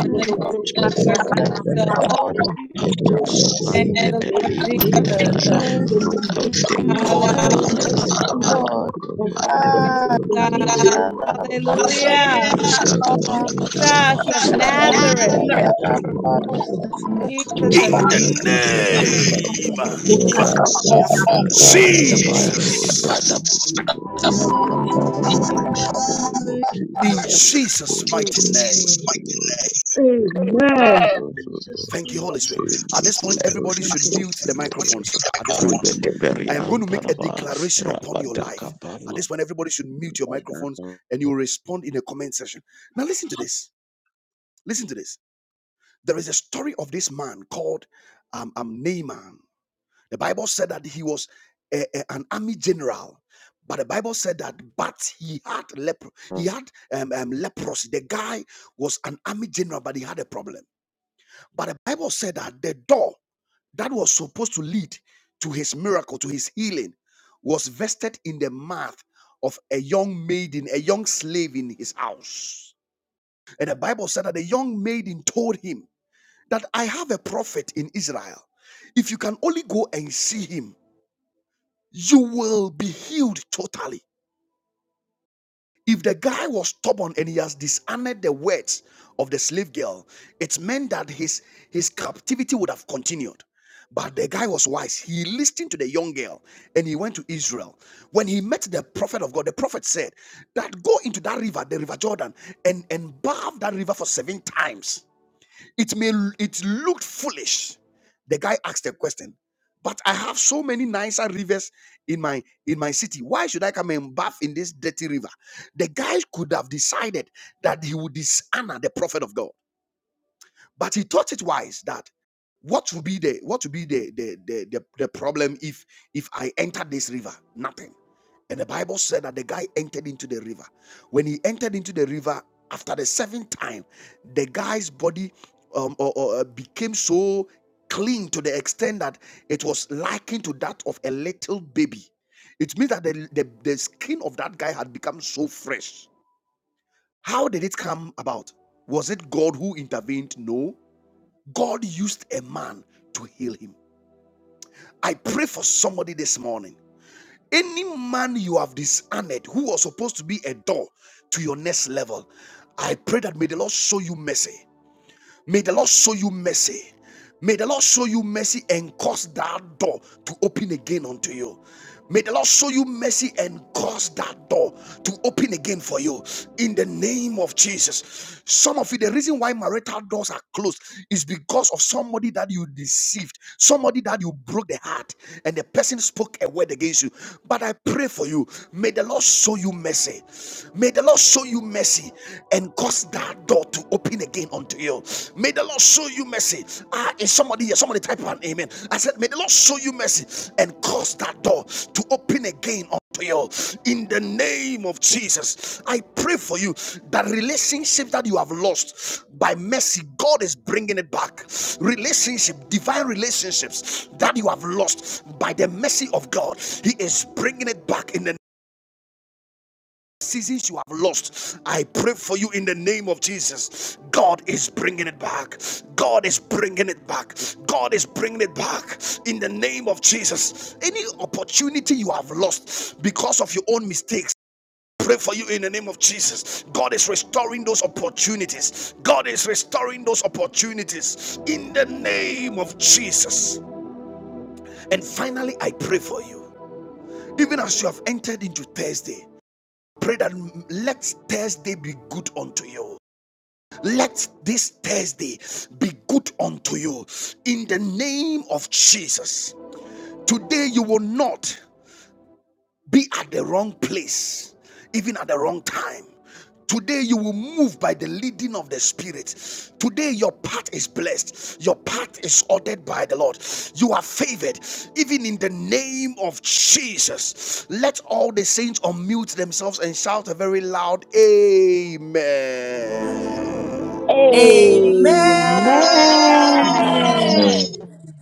S7: Yakabababakabasandelebedebedu. Yekabarababababababasandelebedu. Yekababalababasandelebedu. Lebedebedeandalekabasandelebedu. Rakababalakabasandelebedebea.
S4: the name
S3: roboshka
S4: of the Lord
S3: sakata
S4: Jesus,
S3: bala
S7: Lebababababababa.
S3: kutia
S7: Holy
S3: kabosha
S7: and
S8: Thank
S4: name
S8: you.
S3: deke
S4: of the Lord
S3: dele kutia.
S4: Jesus.
S3: For you
S8: Mrs.
S3: so much,
S8: Mrs.
S3: Lord, and great
S4: Hallelujah,
S3: than man,
S8: Lord,
S3: because my God
S4: wonderful
S3: is
S8: ah,
S3: in
S8: Risha
S4: God.
S3: the name of
S4: Hallelujah.
S3: Jesus.
S4: Jesus of
S3: Lord, come and
S4: Nazareth.
S3: meet
S7: darling, come, our
S3: in the name
S7: mercy,
S3: of Jesus.
S4: Jesus
S7: O Lord.
S1: In
S4: of
S1: the
S3: Look at me, Father, Father,
S7: Kaba
S1: name
S3: Lord,
S7: Sunday
S4: Nazareth.
S3: focus, Father,
S7: and
S3: Father,
S1: of
S3: Father.
S7: all doors,
S3: Thank
S7: O
S3: you,
S7: Lord, will
S1: Jesus,
S7: be open up for me uh,
S3: Jesus'
S7: in the mighty name of Jesus.
S1: in
S7: uh,
S1: Jesus'
S7: Any
S1: mighty
S7: person, O
S1: name.
S3: Amen.
S7: Lord, uh, any
S3: Amen.
S7: person, O
S8: Jesus'
S7: Lord,
S1: Thank you, Holy
S7: uh,
S1: Spirit. At
S7: any
S1: this point,
S7: person
S1: everybody
S7: be
S3: Thank
S1: should
S3: you.
S1: mute the
S7: open, O Lord,
S1: microphones.
S7: uh,
S1: At this
S7: in
S1: point,
S7: the
S2: Rebede
S7: mighty
S2: peri
S1: I
S7: name
S1: am
S7: of
S1: going to make
S2: ampara
S1: a
S7: Jesus.
S2: ba
S7: uh,
S1: declaration upon your
S2: rapada
S1: life. At
S2: kaparu
S1: this point, everybody
S7: in
S1: should
S7: the name
S1: mute your
S7: of Jesus.
S1: microphones and you respond in the comment section. Now, listen to this Listen to this. There is a story of this man called um, um, Naaman. The Bible said that he was a- a- an army general, but the Bible said that but he had leper, he had um, um, leprosy. The guy was an army general, but he had a problem. But the Bible said that the door that was supposed to lead to his miracle, to his healing, was vested in the mouth of a young maiden, a young slave in his house. And the Bible said that the young maiden told him that I have a prophet in Israel. If you can only go and see him, you will be healed totally. If the guy was stubborn and he has dishonored the words of the slave girl, it meant that his, his captivity would have continued. But the guy was wise. He listened to the young girl and he went to Israel. When he met the prophet of God, the prophet said that go into that river, the river Jordan, and, and bathe that river for seven times It may it looked foolish. The guy asked a question, but I have so many nicer rivers in my in my city. Why should I come and bath in this dirty river? The guy could have decided that he would dishonor the prophet of God. But he thought it wise that what will be the what will be the the, the, the, the problem if if I enter this river? Nothing. And the Bible said that the guy entered into the river. When he entered into the river, after the seventh time, the guy's body um, or, or, uh, became so clean to the extent that it was likened to that of a little baby. It means that the, the, the skin of that guy had become so fresh. How did it come about? Was it God who intervened? No. God used a man to heal him. I pray for somebody this morning. Any man you have dishonored who was supposed to be a door to your next level, I pray that may the Lord show you mercy. May the Lord show you mercy. May the Lord show you mercy and cause that door to open again unto you. May the Lord show you mercy and cause that door to open again for you in the name of Jesus. Some of you, the reason why marital doors are closed is because of somebody that you deceived, somebody that you broke the heart, and the person spoke a word against you. But I pray for you. May the Lord show you mercy. May the Lord show you mercy mercy and cause that door to open again unto you. May the Lord show you mercy. Ah, is somebody here? Somebody type an amen. I said, May the Lord show you mercy and cause that door to open again unto you. In the name of Jesus, I pray for you that relationship that you have lost by mercy, God is bringing it back. Relationship, divine relationships that you have lost by the mercy of God, He is bringing it back in the seasons you have lost i pray for you in the name of jesus god is bringing it back god is bringing it back god is bringing it back in the name of jesus any opportunity you have lost because of your own mistakes Pray for you in the name of Jesus. God is restoring those opportunities. God is restoring those opportunities in the name of Jesus. And finally, I pray for you. Even as you have entered into Thursday, pray that let Thursday be good unto you. Let this Thursday be good unto you in the name of Jesus. Today you will not be at the wrong place, even at the wrong time. Today, you will move by the leading of the Spirit. Today, your path is blessed. Your path is ordered by the Lord. You are favored, even in the name of Jesus. Let all the saints unmute themselves and shout a very loud Amen.
S9: Amen.
S10: Amen.
S7: Amen.
S3: Amen.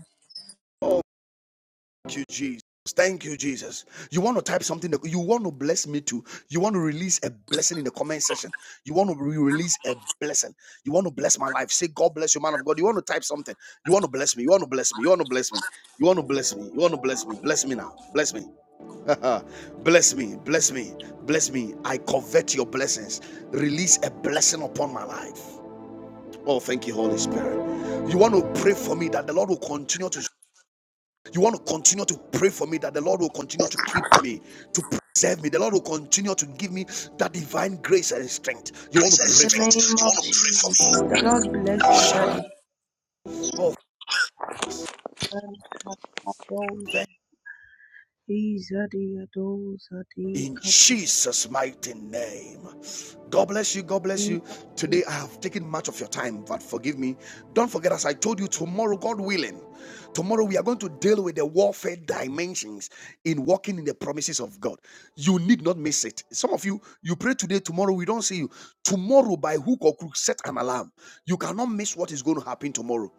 S1: Thank you, Jesus. Thank you, Jesus. You want to type something that you want to bless me too. You want to release a blessing in the comment section. You want to re- release a blessing. You want to bless my life. Say, God bless you, man of God. You want to type something. You want to bless me. You want to bless me. You want to bless me. You want to bless me. You want to bless me. Bless me now. Bless me. <laughs> bless me. Bless me. Bless me. I covet your blessings. Release a blessing upon my life. Oh, thank you, Holy Spirit. You want to pray for me that the Lord will continue to you want to continue to pray for me that the Lord will continue to keep me, to preserve me. The Lord will continue to give me that divine grace and strength. You want
S8: In
S1: to pray
S8: the
S1: for me.
S8: name of Jesus. The Lord bless you,
S1: Shala.
S8: Daddy.
S1: Oh,
S8: Kadosh, Izadi, Adoz, Adi,
S1: in
S8: Kabri.
S1: Jesus' mighty name. God bless you. God bless you. Today I have taken much of your time, but forgive me. Don't forget, as I told you, tomorrow, God willing, tomorrow we are going to deal with the warfare dimensions in walking in the promises of God. You need not miss it. Some of you, you pray today, tomorrow we don't see you. Tomorrow, by hook or crook, set an alarm. You cannot miss what is going to happen tomorrow.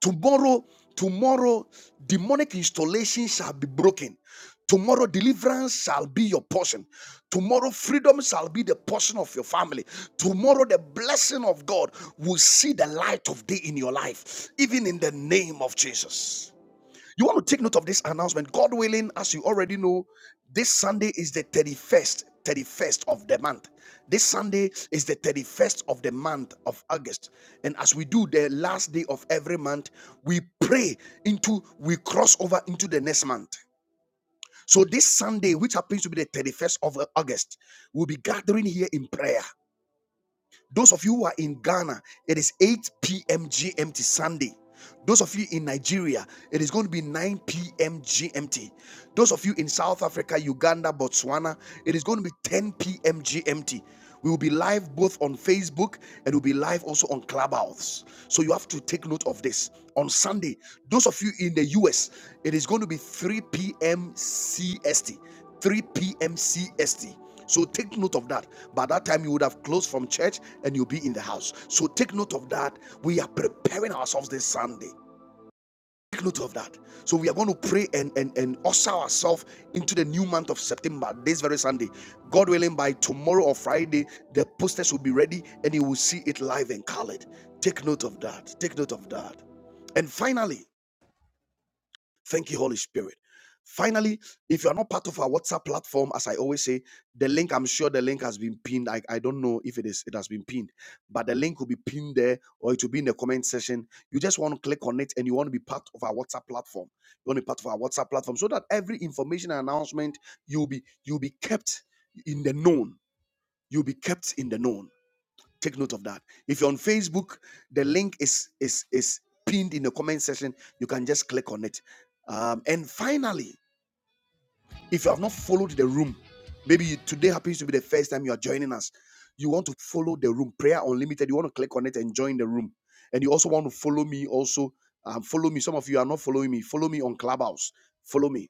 S1: Tomorrow, tomorrow, demonic installation shall be broken. Tomorrow, deliverance shall be your portion. Tomorrow, freedom shall be the portion of your family. Tomorrow, the blessing of God will see the light of day in your life, even in the name of Jesus. You want to take note of this announcement. God willing, as you already know, this Sunday is the 31st, 31st of the month. This Sunday is the 31st of the month of August. And as we do the last day of every month, we pray into, we cross over into the next month. So this Sunday, which happens to be the 31st of uh, August, we'll be gathering here in prayer. Those of you who are in Ghana, it is 8 p.m. GMT Sunday. Those of you in Nigeria, it is going to be 9 p.m. GMT. Those of you in South Africa, Uganda, Botswana, it is going to be 10 p.m. GMT. We will be live both on Facebook and we'll be live also on Clubhouse. So you have to take note of this. On Sunday, those of you in the US, it is going to be 3 p.m. CST. 3 p.m. CST. So take note of that. By that time, you would have closed from church and you'll be in the house. So take note of that. We are preparing ourselves this Sunday. Take note of that. So we are going to pray and and and usher ourselves into the new month of September this very Sunday. God willing, by tomorrow or Friday, the posters will be ready and you will see it live and colored. Take note of that. Take note of that. And finally, Thank you, Holy Spirit. Finally, if you are not part of our WhatsApp platform, as I always say, the link, I'm sure the link has been pinned. I, I don't know if it is it has been pinned, but the link will be pinned there or it will be in the comment section. You just want to click on it and you want to be part of our WhatsApp platform. You want to be part of our WhatsApp platform so that every information and announcement you'll be you'll be kept in the known. You'll be kept in the known. Take note of that. If you're on Facebook, the link is is is pinned in the comment section. You can just click on it. Um, and finally, if you have not followed the room, maybe today happens to be the first time you are joining us. You want to follow the room, prayer unlimited. You want to click on it and join the room. And you also want to follow me. Also, um, follow me. Some of you are not following me. Follow me on Clubhouse. Follow me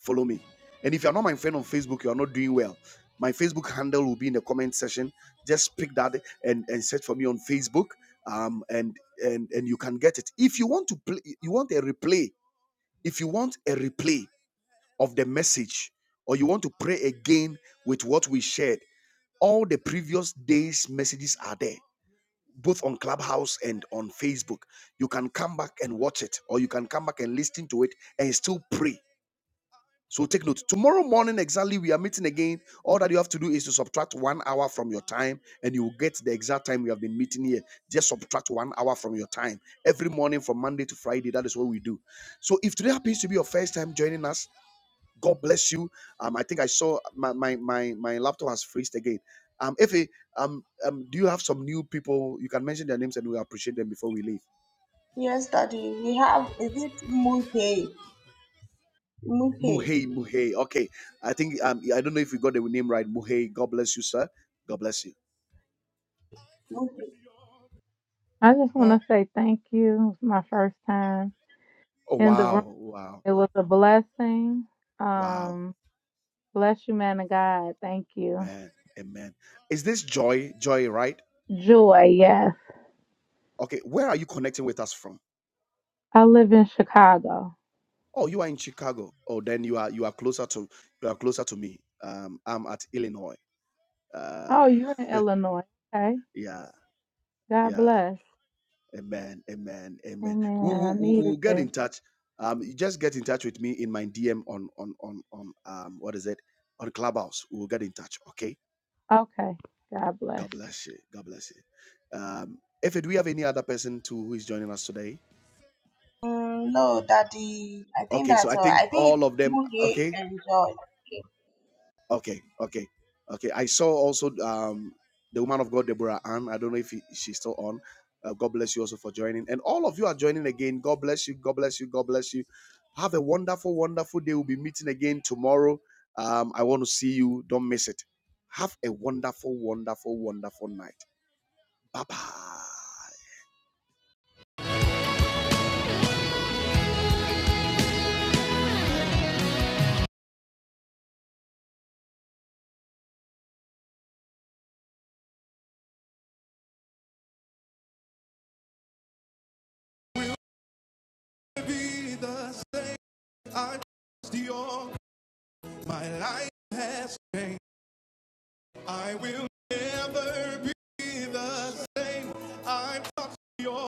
S1: follow me. And if you're not my friend on Facebook, you are not doing well. My Facebook handle will be in the comment section. Just pick that and, and search for me on Facebook. Um, and and and you can get it. If you want to play, you want a replay. If you want a replay of the message, or you want to pray again with what we shared, all the previous days' messages are there, both on Clubhouse and on Facebook. You can come back and watch it, or you can come back and listen to it and still pray so take note. Tomorrow morning, exactly, we are meeting again. All that you have to do is to subtract one hour from your time, and you will get the exact time we have been meeting here. Just subtract one hour from your time every morning from Monday to Friday. That is what we do. So if today happens to be your first time joining us, God bless you. Um, I think I saw my my my, my laptop has freezed again. Um, if um, um, do you have some new people? You can mention their names, and we appreciate them before we leave.
S8: Yes, Daddy, we have, is it Muhe? Muhe,
S1: Muhey, Muhey. Okay, I think um, I don't know if we got the name right. Muhey. God bless you, sir. God bless you.
S8: Muhe.
S4: I just
S8: Yeah.
S4: want to say thank you. It was my first time
S1: Oh
S4: in the room.
S1: wow, wow,
S4: It was a blessing.
S1: wow,
S4: Um, bless you, man of God. Thank you.
S1: man, amen. Is this Joy? Joy, right?
S4: Joy, yes.
S1: Okay, where are you connecting with us from?
S4: I live in Chicago.
S1: Oh, you are in Chicago. Oh, then you are you are closer to you are closer to me. Um, I'm at Illinois. Um,
S4: Oh, you're in Illinois. Okay.
S1: yeah,
S4: God
S1: yeah,
S4: bless.
S1: amen, amen, amen.
S4: Amen.
S1: We'll,
S4: I
S1: we'll,
S4: needed
S1: we'll get
S4: this.
S1: in touch. Um, you just get in touch with me in my DM on on on on um what is it on Clubhouse. We'll get in touch. Okay.
S4: Okay. God
S1: God
S4: bless.
S1: bless you. God bless you. Um, if do we have any other person too who is joining us today?
S8: Mm, no, Daddy. I think
S1: Okay, so
S8: that's
S1: I
S8: all.
S1: think
S8: I think
S1: all of them.
S8: you here
S1: Okay,
S8: enjoy.
S1: okay, okay, okay. I saw also um, the woman of God, Deborah Ann. I don't know if he, she's still on. Uh, God bless you also for joining, and all of you are joining again. God bless you. God bless you. God bless you. Have a wonderful, wonderful day. We'll be meeting again tomorrow. Um, I want to see you. Don't miss it. Have a wonderful, wonderful, wonderful night. Bye bye. Will it Be the same. I trust your. My life has changed. I will never be the same. I'm not your